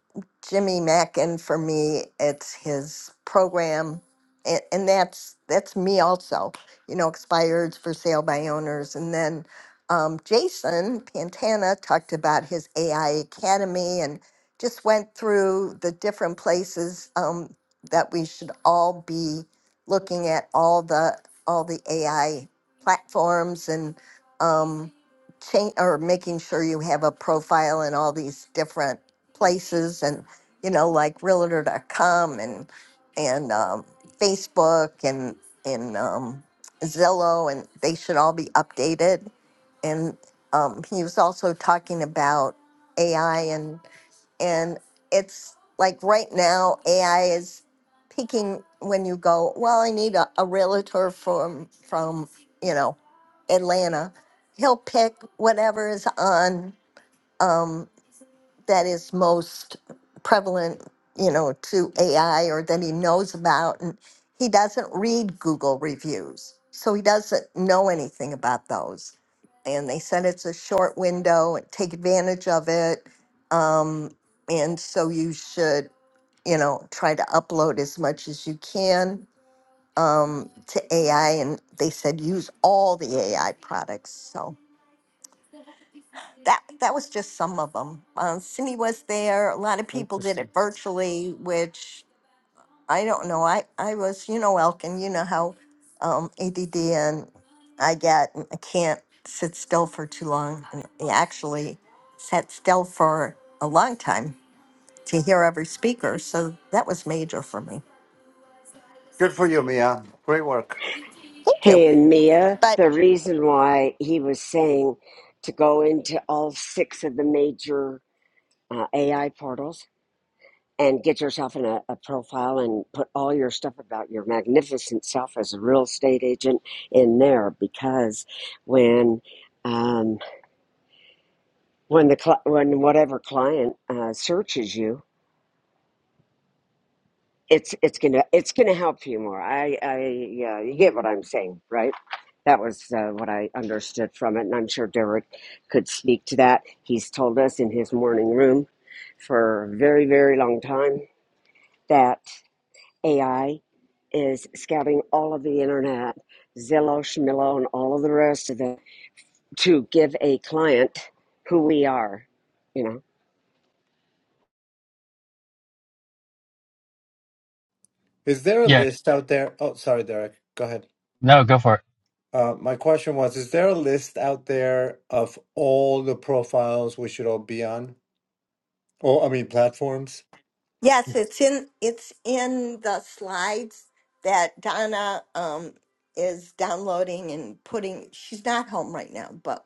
jimmy mackin for me it's his program and, and that's that's me also you know expired for sale by owners and then um, jason pantana talked about his ai academy and just went through the different places um, that we should all be looking at all the all the AI platforms and um, change or making sure you have a profile in all these different places and you know like realtor.com and and um, Facebook and and um, Zillow and they should all be updated and um, he was also talking about AI and and it's like right now AI is picking when you go, well, I need a, a realtor from from you know Atlanta. He'll pick whatever is on um, that is most prevalent, you know, to AI or that he knows about, and he doesn't read Google reviews, so he doesn't know anything about those and they said it's a short window and take advantage of it. Um, and so you should, you know, try to upload as much as you can um, to AI. And they said use all the AI products. So that that was just some of them. Uh, Cindy was there. A lot of people did it virtually, which I don't know. I, I was, you know, Elkin, you know how um, ADD and I get, and I can't sit still for too long. And I actually sat still for a long time to hear every speaker. So that was major for me. Good for you, Mia. Great work. Thank you. Hey, and Mia, But the reason why he was saying to go into all six of the major uh, AI portals and get yourself in a, a profile and put all your stuff about your magnificent self as a real estate agent in there because when um, when the cli when whatever client uh, searches you it's it's gonna it's gonna help you more. I I yeah, you get what I'm saying, right? That was uh, what I understood from it, and I'm sure Derek could speak to that. He's told us in his morning room for a very very long time that AI is scouting all of the internet, Zillow, Schmillow, and all of the rest of it to give a client who we are. You know, Is there a Yeah, list out there? Oh, sorry, Derek. Go ahead. no, go for it. Uh, my question was, is there a list out there of all the profiles we should all be on? Or, I mean, platforms? yes, it's in, it's in the slides that Donna um, is downloading and putting, she's not home right now, but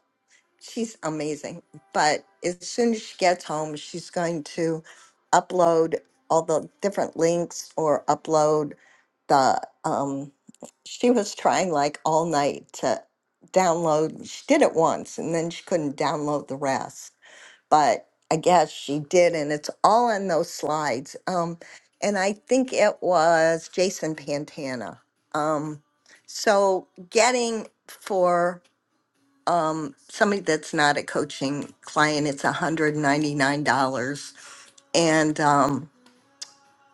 she's amazing. But as soon as she gets home, she's going to upload all the different links or upload the um she was trying like all night to download she did it once and then she couldn't download the rest but i guess she did and it's all in those slides um and i think it was jason pantana um so getting for um, somebody that's not a coaching client, it's $199. And um,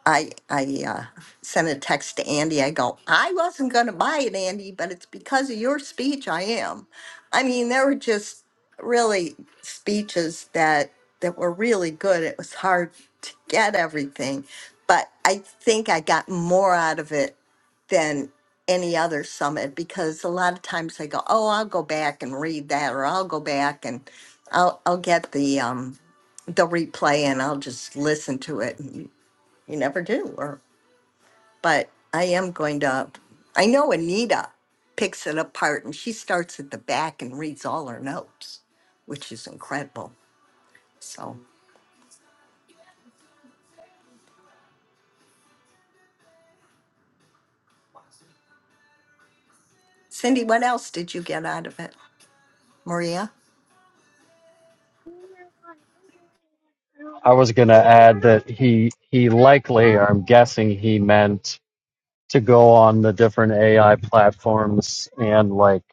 I I uh, sent a text to Andy. I go, I wasn't going to buy it, Andy, but it's because of your speech. I am. I mean, there were just really speeches that that were really good. It was hard to get everything, but I think I got more out of it than any other summit because a lot of times I go, oh, I'll go back and read that, or I'll go back and I'll I'll get the um the replay and I'll just listen to it. You never do. Or, but I am going to. I know Anita picks it apart, and she starts at the back and reads all her notes, which is incredible. So, Cindy, what else did you get out of it, Maria? I was gonna add that he he likely, or I'm guessing he meant to go on the different AI platforms and like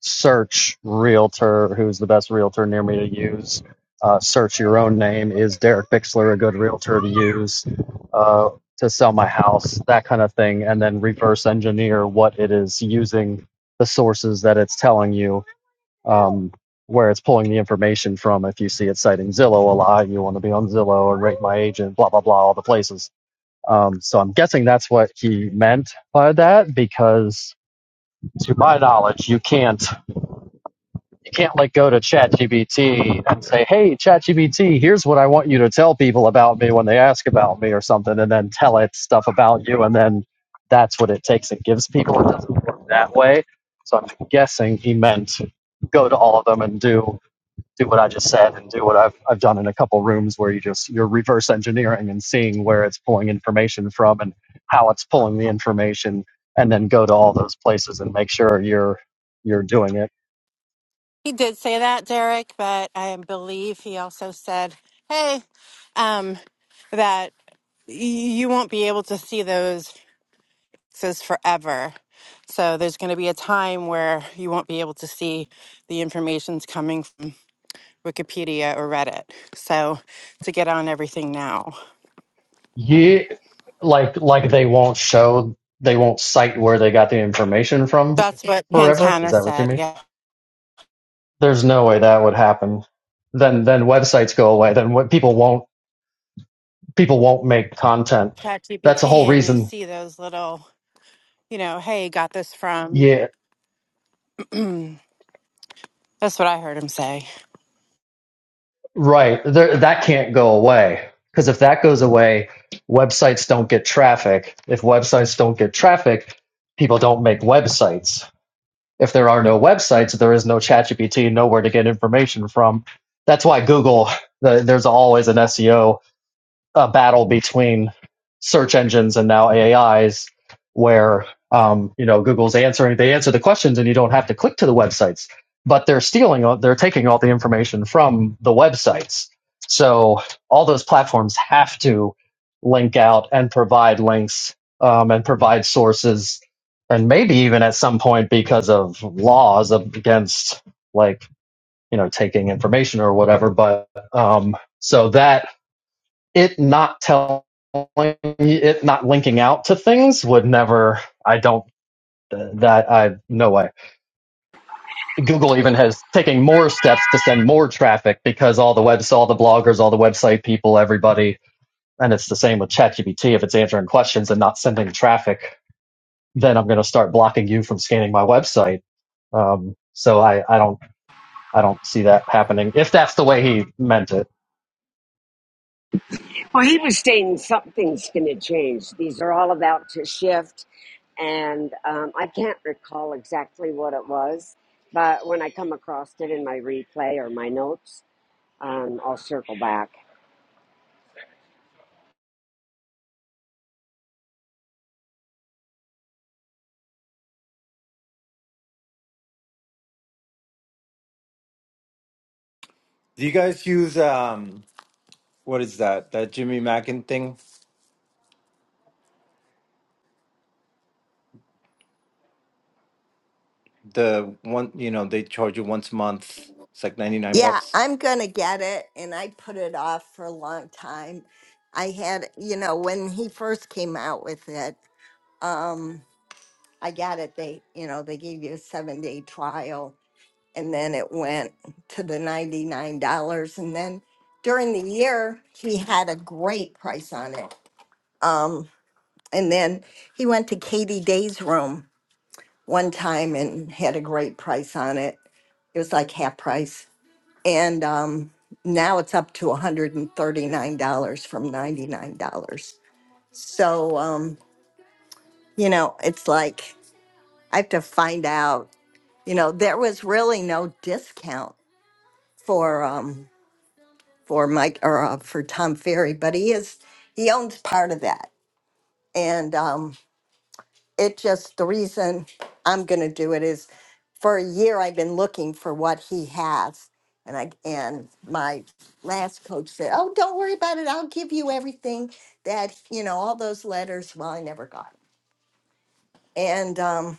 search realtor, who's the best realtor near me to use. Uh, search your own name. Is Derek Bixler a good realtor to use uh, to sell my house? That kind of thing. And then reverse engineer what it is using the sources that it's telling you um, where it's pulling the information from. If you see it citing Zillow a lot, you want to be on Zillow and rate my agent, blah, blah, blah, all the places um, so I'm guessing that's what he meant by that, because to my knowledge, you can't you can't like go to ChatGPT and say, "Hey, ChatGPT, here's what I want you to tell people about me when they ask about me or something," and then tell it stuff about you, and then that's what it takes and gives people. It doesn't work that way. So I'm guessing he meant go to all of them and do do what I just said and do what I've I've done in a couple rooms where you just you're reverse engineering and seeing where it's pulling information from and how it's pulling the information and then go to all those places and make sure you're you're doing it. He did say that, Derek, but I believe he also said, "Hey, um, that y- you won't be able to see those fixes forever. So there's going to be a time where you won't be able to see the information's coming from Wikipedia or Reddit. So to get on everything now, Yeah, like like they won't show they won't cite where they got the information from that's what forever. Is Pantana that what you said. mean? Yeah, There's no way that would happen. Then then websites go away. Then what people won't people won't make content. That's the whole ChatGPT, and you reason. see those little, you know, hey, got this from. Yeah. that's what I heard him say. Right. There, that can't go away. Because if that goes away, websites don't get traffic. If websites don't get traffic, people don't make websites. If there are no websites, there is no ChatGPT, nowhere to get information from. That's why Google, the, there's always an SEO a battle between search engines and now AIs, where um, you know Google's answering they answer the questions and you don't have to click to the websites, but they're stealing they're taking all the information from the websites. So all those platforms have to link out and provide links um, and provide sources, and maybe even at some point because of laws of- against like you know taking information or whatever. But um, so that it not telling it not linking out to things would never i don't that i no way google even has taking more steps to send more traffic because all the webs all the bloggers all the website people everybody and it's the same with chatgpt if it's answering questions and not sending traffic then i'm going to start blocking you from scanning my website um, so I, I don't i don't see that happening if that's the way he meant it well, he was saying something's going to change. These are all about to shift and um, I can't recall exactly what it was, but when I come across it in my replay or my notes, um, I'll circle back. Do you guys use um what is that? That Jimmy Mackin thing? The one you know, they charge you once a month. It's like ninety nine Yeah, bucks. I'm gonna get it, and I put it off for a long time. I had, you know, when he first came out with it, um, I got it. They, you know, they gave you a seven day trial, and then it went to the $99 and then during the year he had a great price on it um and then he went to katie day's room one time and had a great price on it it was like half price and um now it's up to $139 from $99 so um you know it's like i have to find out you know there was really no discount for um for Mike or uh, for Tom Ferry, but he is he owns part of that, and um, it just the reason I'm going to do it is for a year I've been looking for what he has, and I and my last coach said, "Oh, don't worry about it. I'll give you everything that you know, all those letters." Well, I never got and um,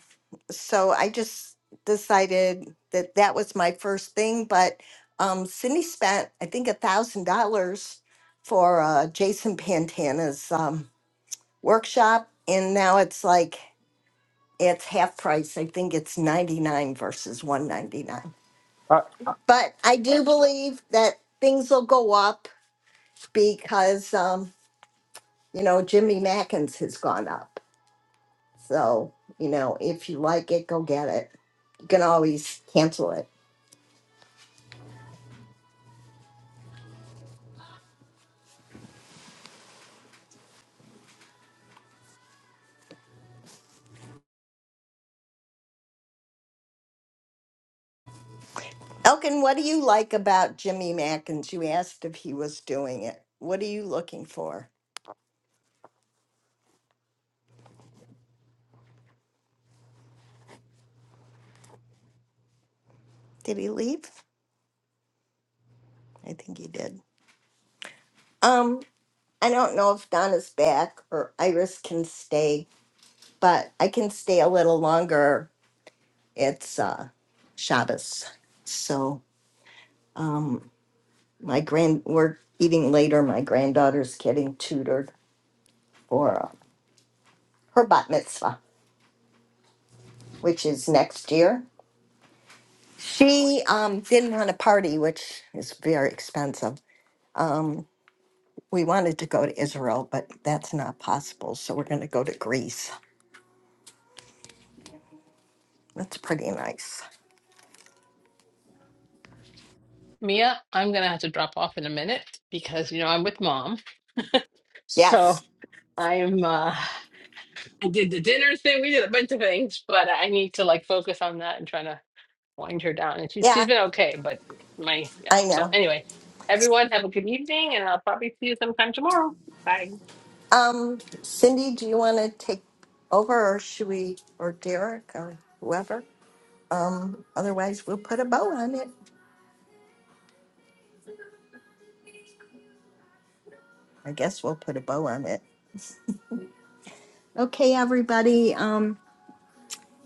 so I just decided that that was my first thing. But um, Cindy spent, I think, a thousand dollars for uh, Jason Pantana's um, workshop, and now it's like it's half price. I think it's ninety nine versus one ninety nine. But I do believe that things will go up because um, you know Jimmy Mackins has gone up. So you know if you like it, go get it. You can always cancel it. Elkin, what do you like about Jimmy Mackins? You asked if he was doing it. What are you looking for? Did he leave? I think he did. Um, I don't know if Donna's back or Iris can stay, but I can stay a little longer. It's uh Shabbos. So um my grand we're eating later. My granddaughter's getting tutored for uh, her bat mitzvah, which is next year. She um, didn't want a party, which is very expensive Um, we wanted to go to Israel, but that's not possible. So we're going to go to Greece. That's pretty nice. Mia, I'm gonna have to drop off in a minute because you know I'm with mom. So Yes. I'm uh I did the dinner thing, we did a bunch of things, but I need to like focus on that and trying to wind her down. And she Yeah, she's been okay, but my yeah. I So know. anyway, everyone have a good evening and I'll probably see you sometime tomorrow. Bye. Um, Cindy, do you want to take over or should we, or Derek or whoever? Um, otherwise, we'll put a bow on it. I guess we'll put a bow on it. Okay, everybody. Um,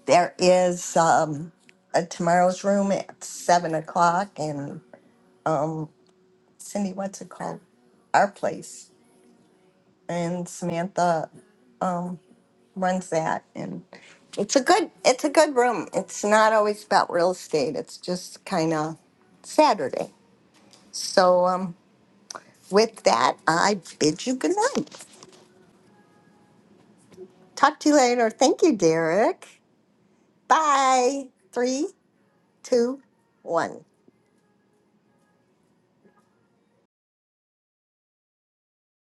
there is um, a tomorrow's room at seven o'clock, and um, Cindy, what's it called? Our place. and Samantha um, runs that, and it's a good it's a good room. It's not always about real estate. It's just kind of Saturday. So um, with that, I bid you good night. Talk to you later. Thank you, Derek. Bye. Three, two, one.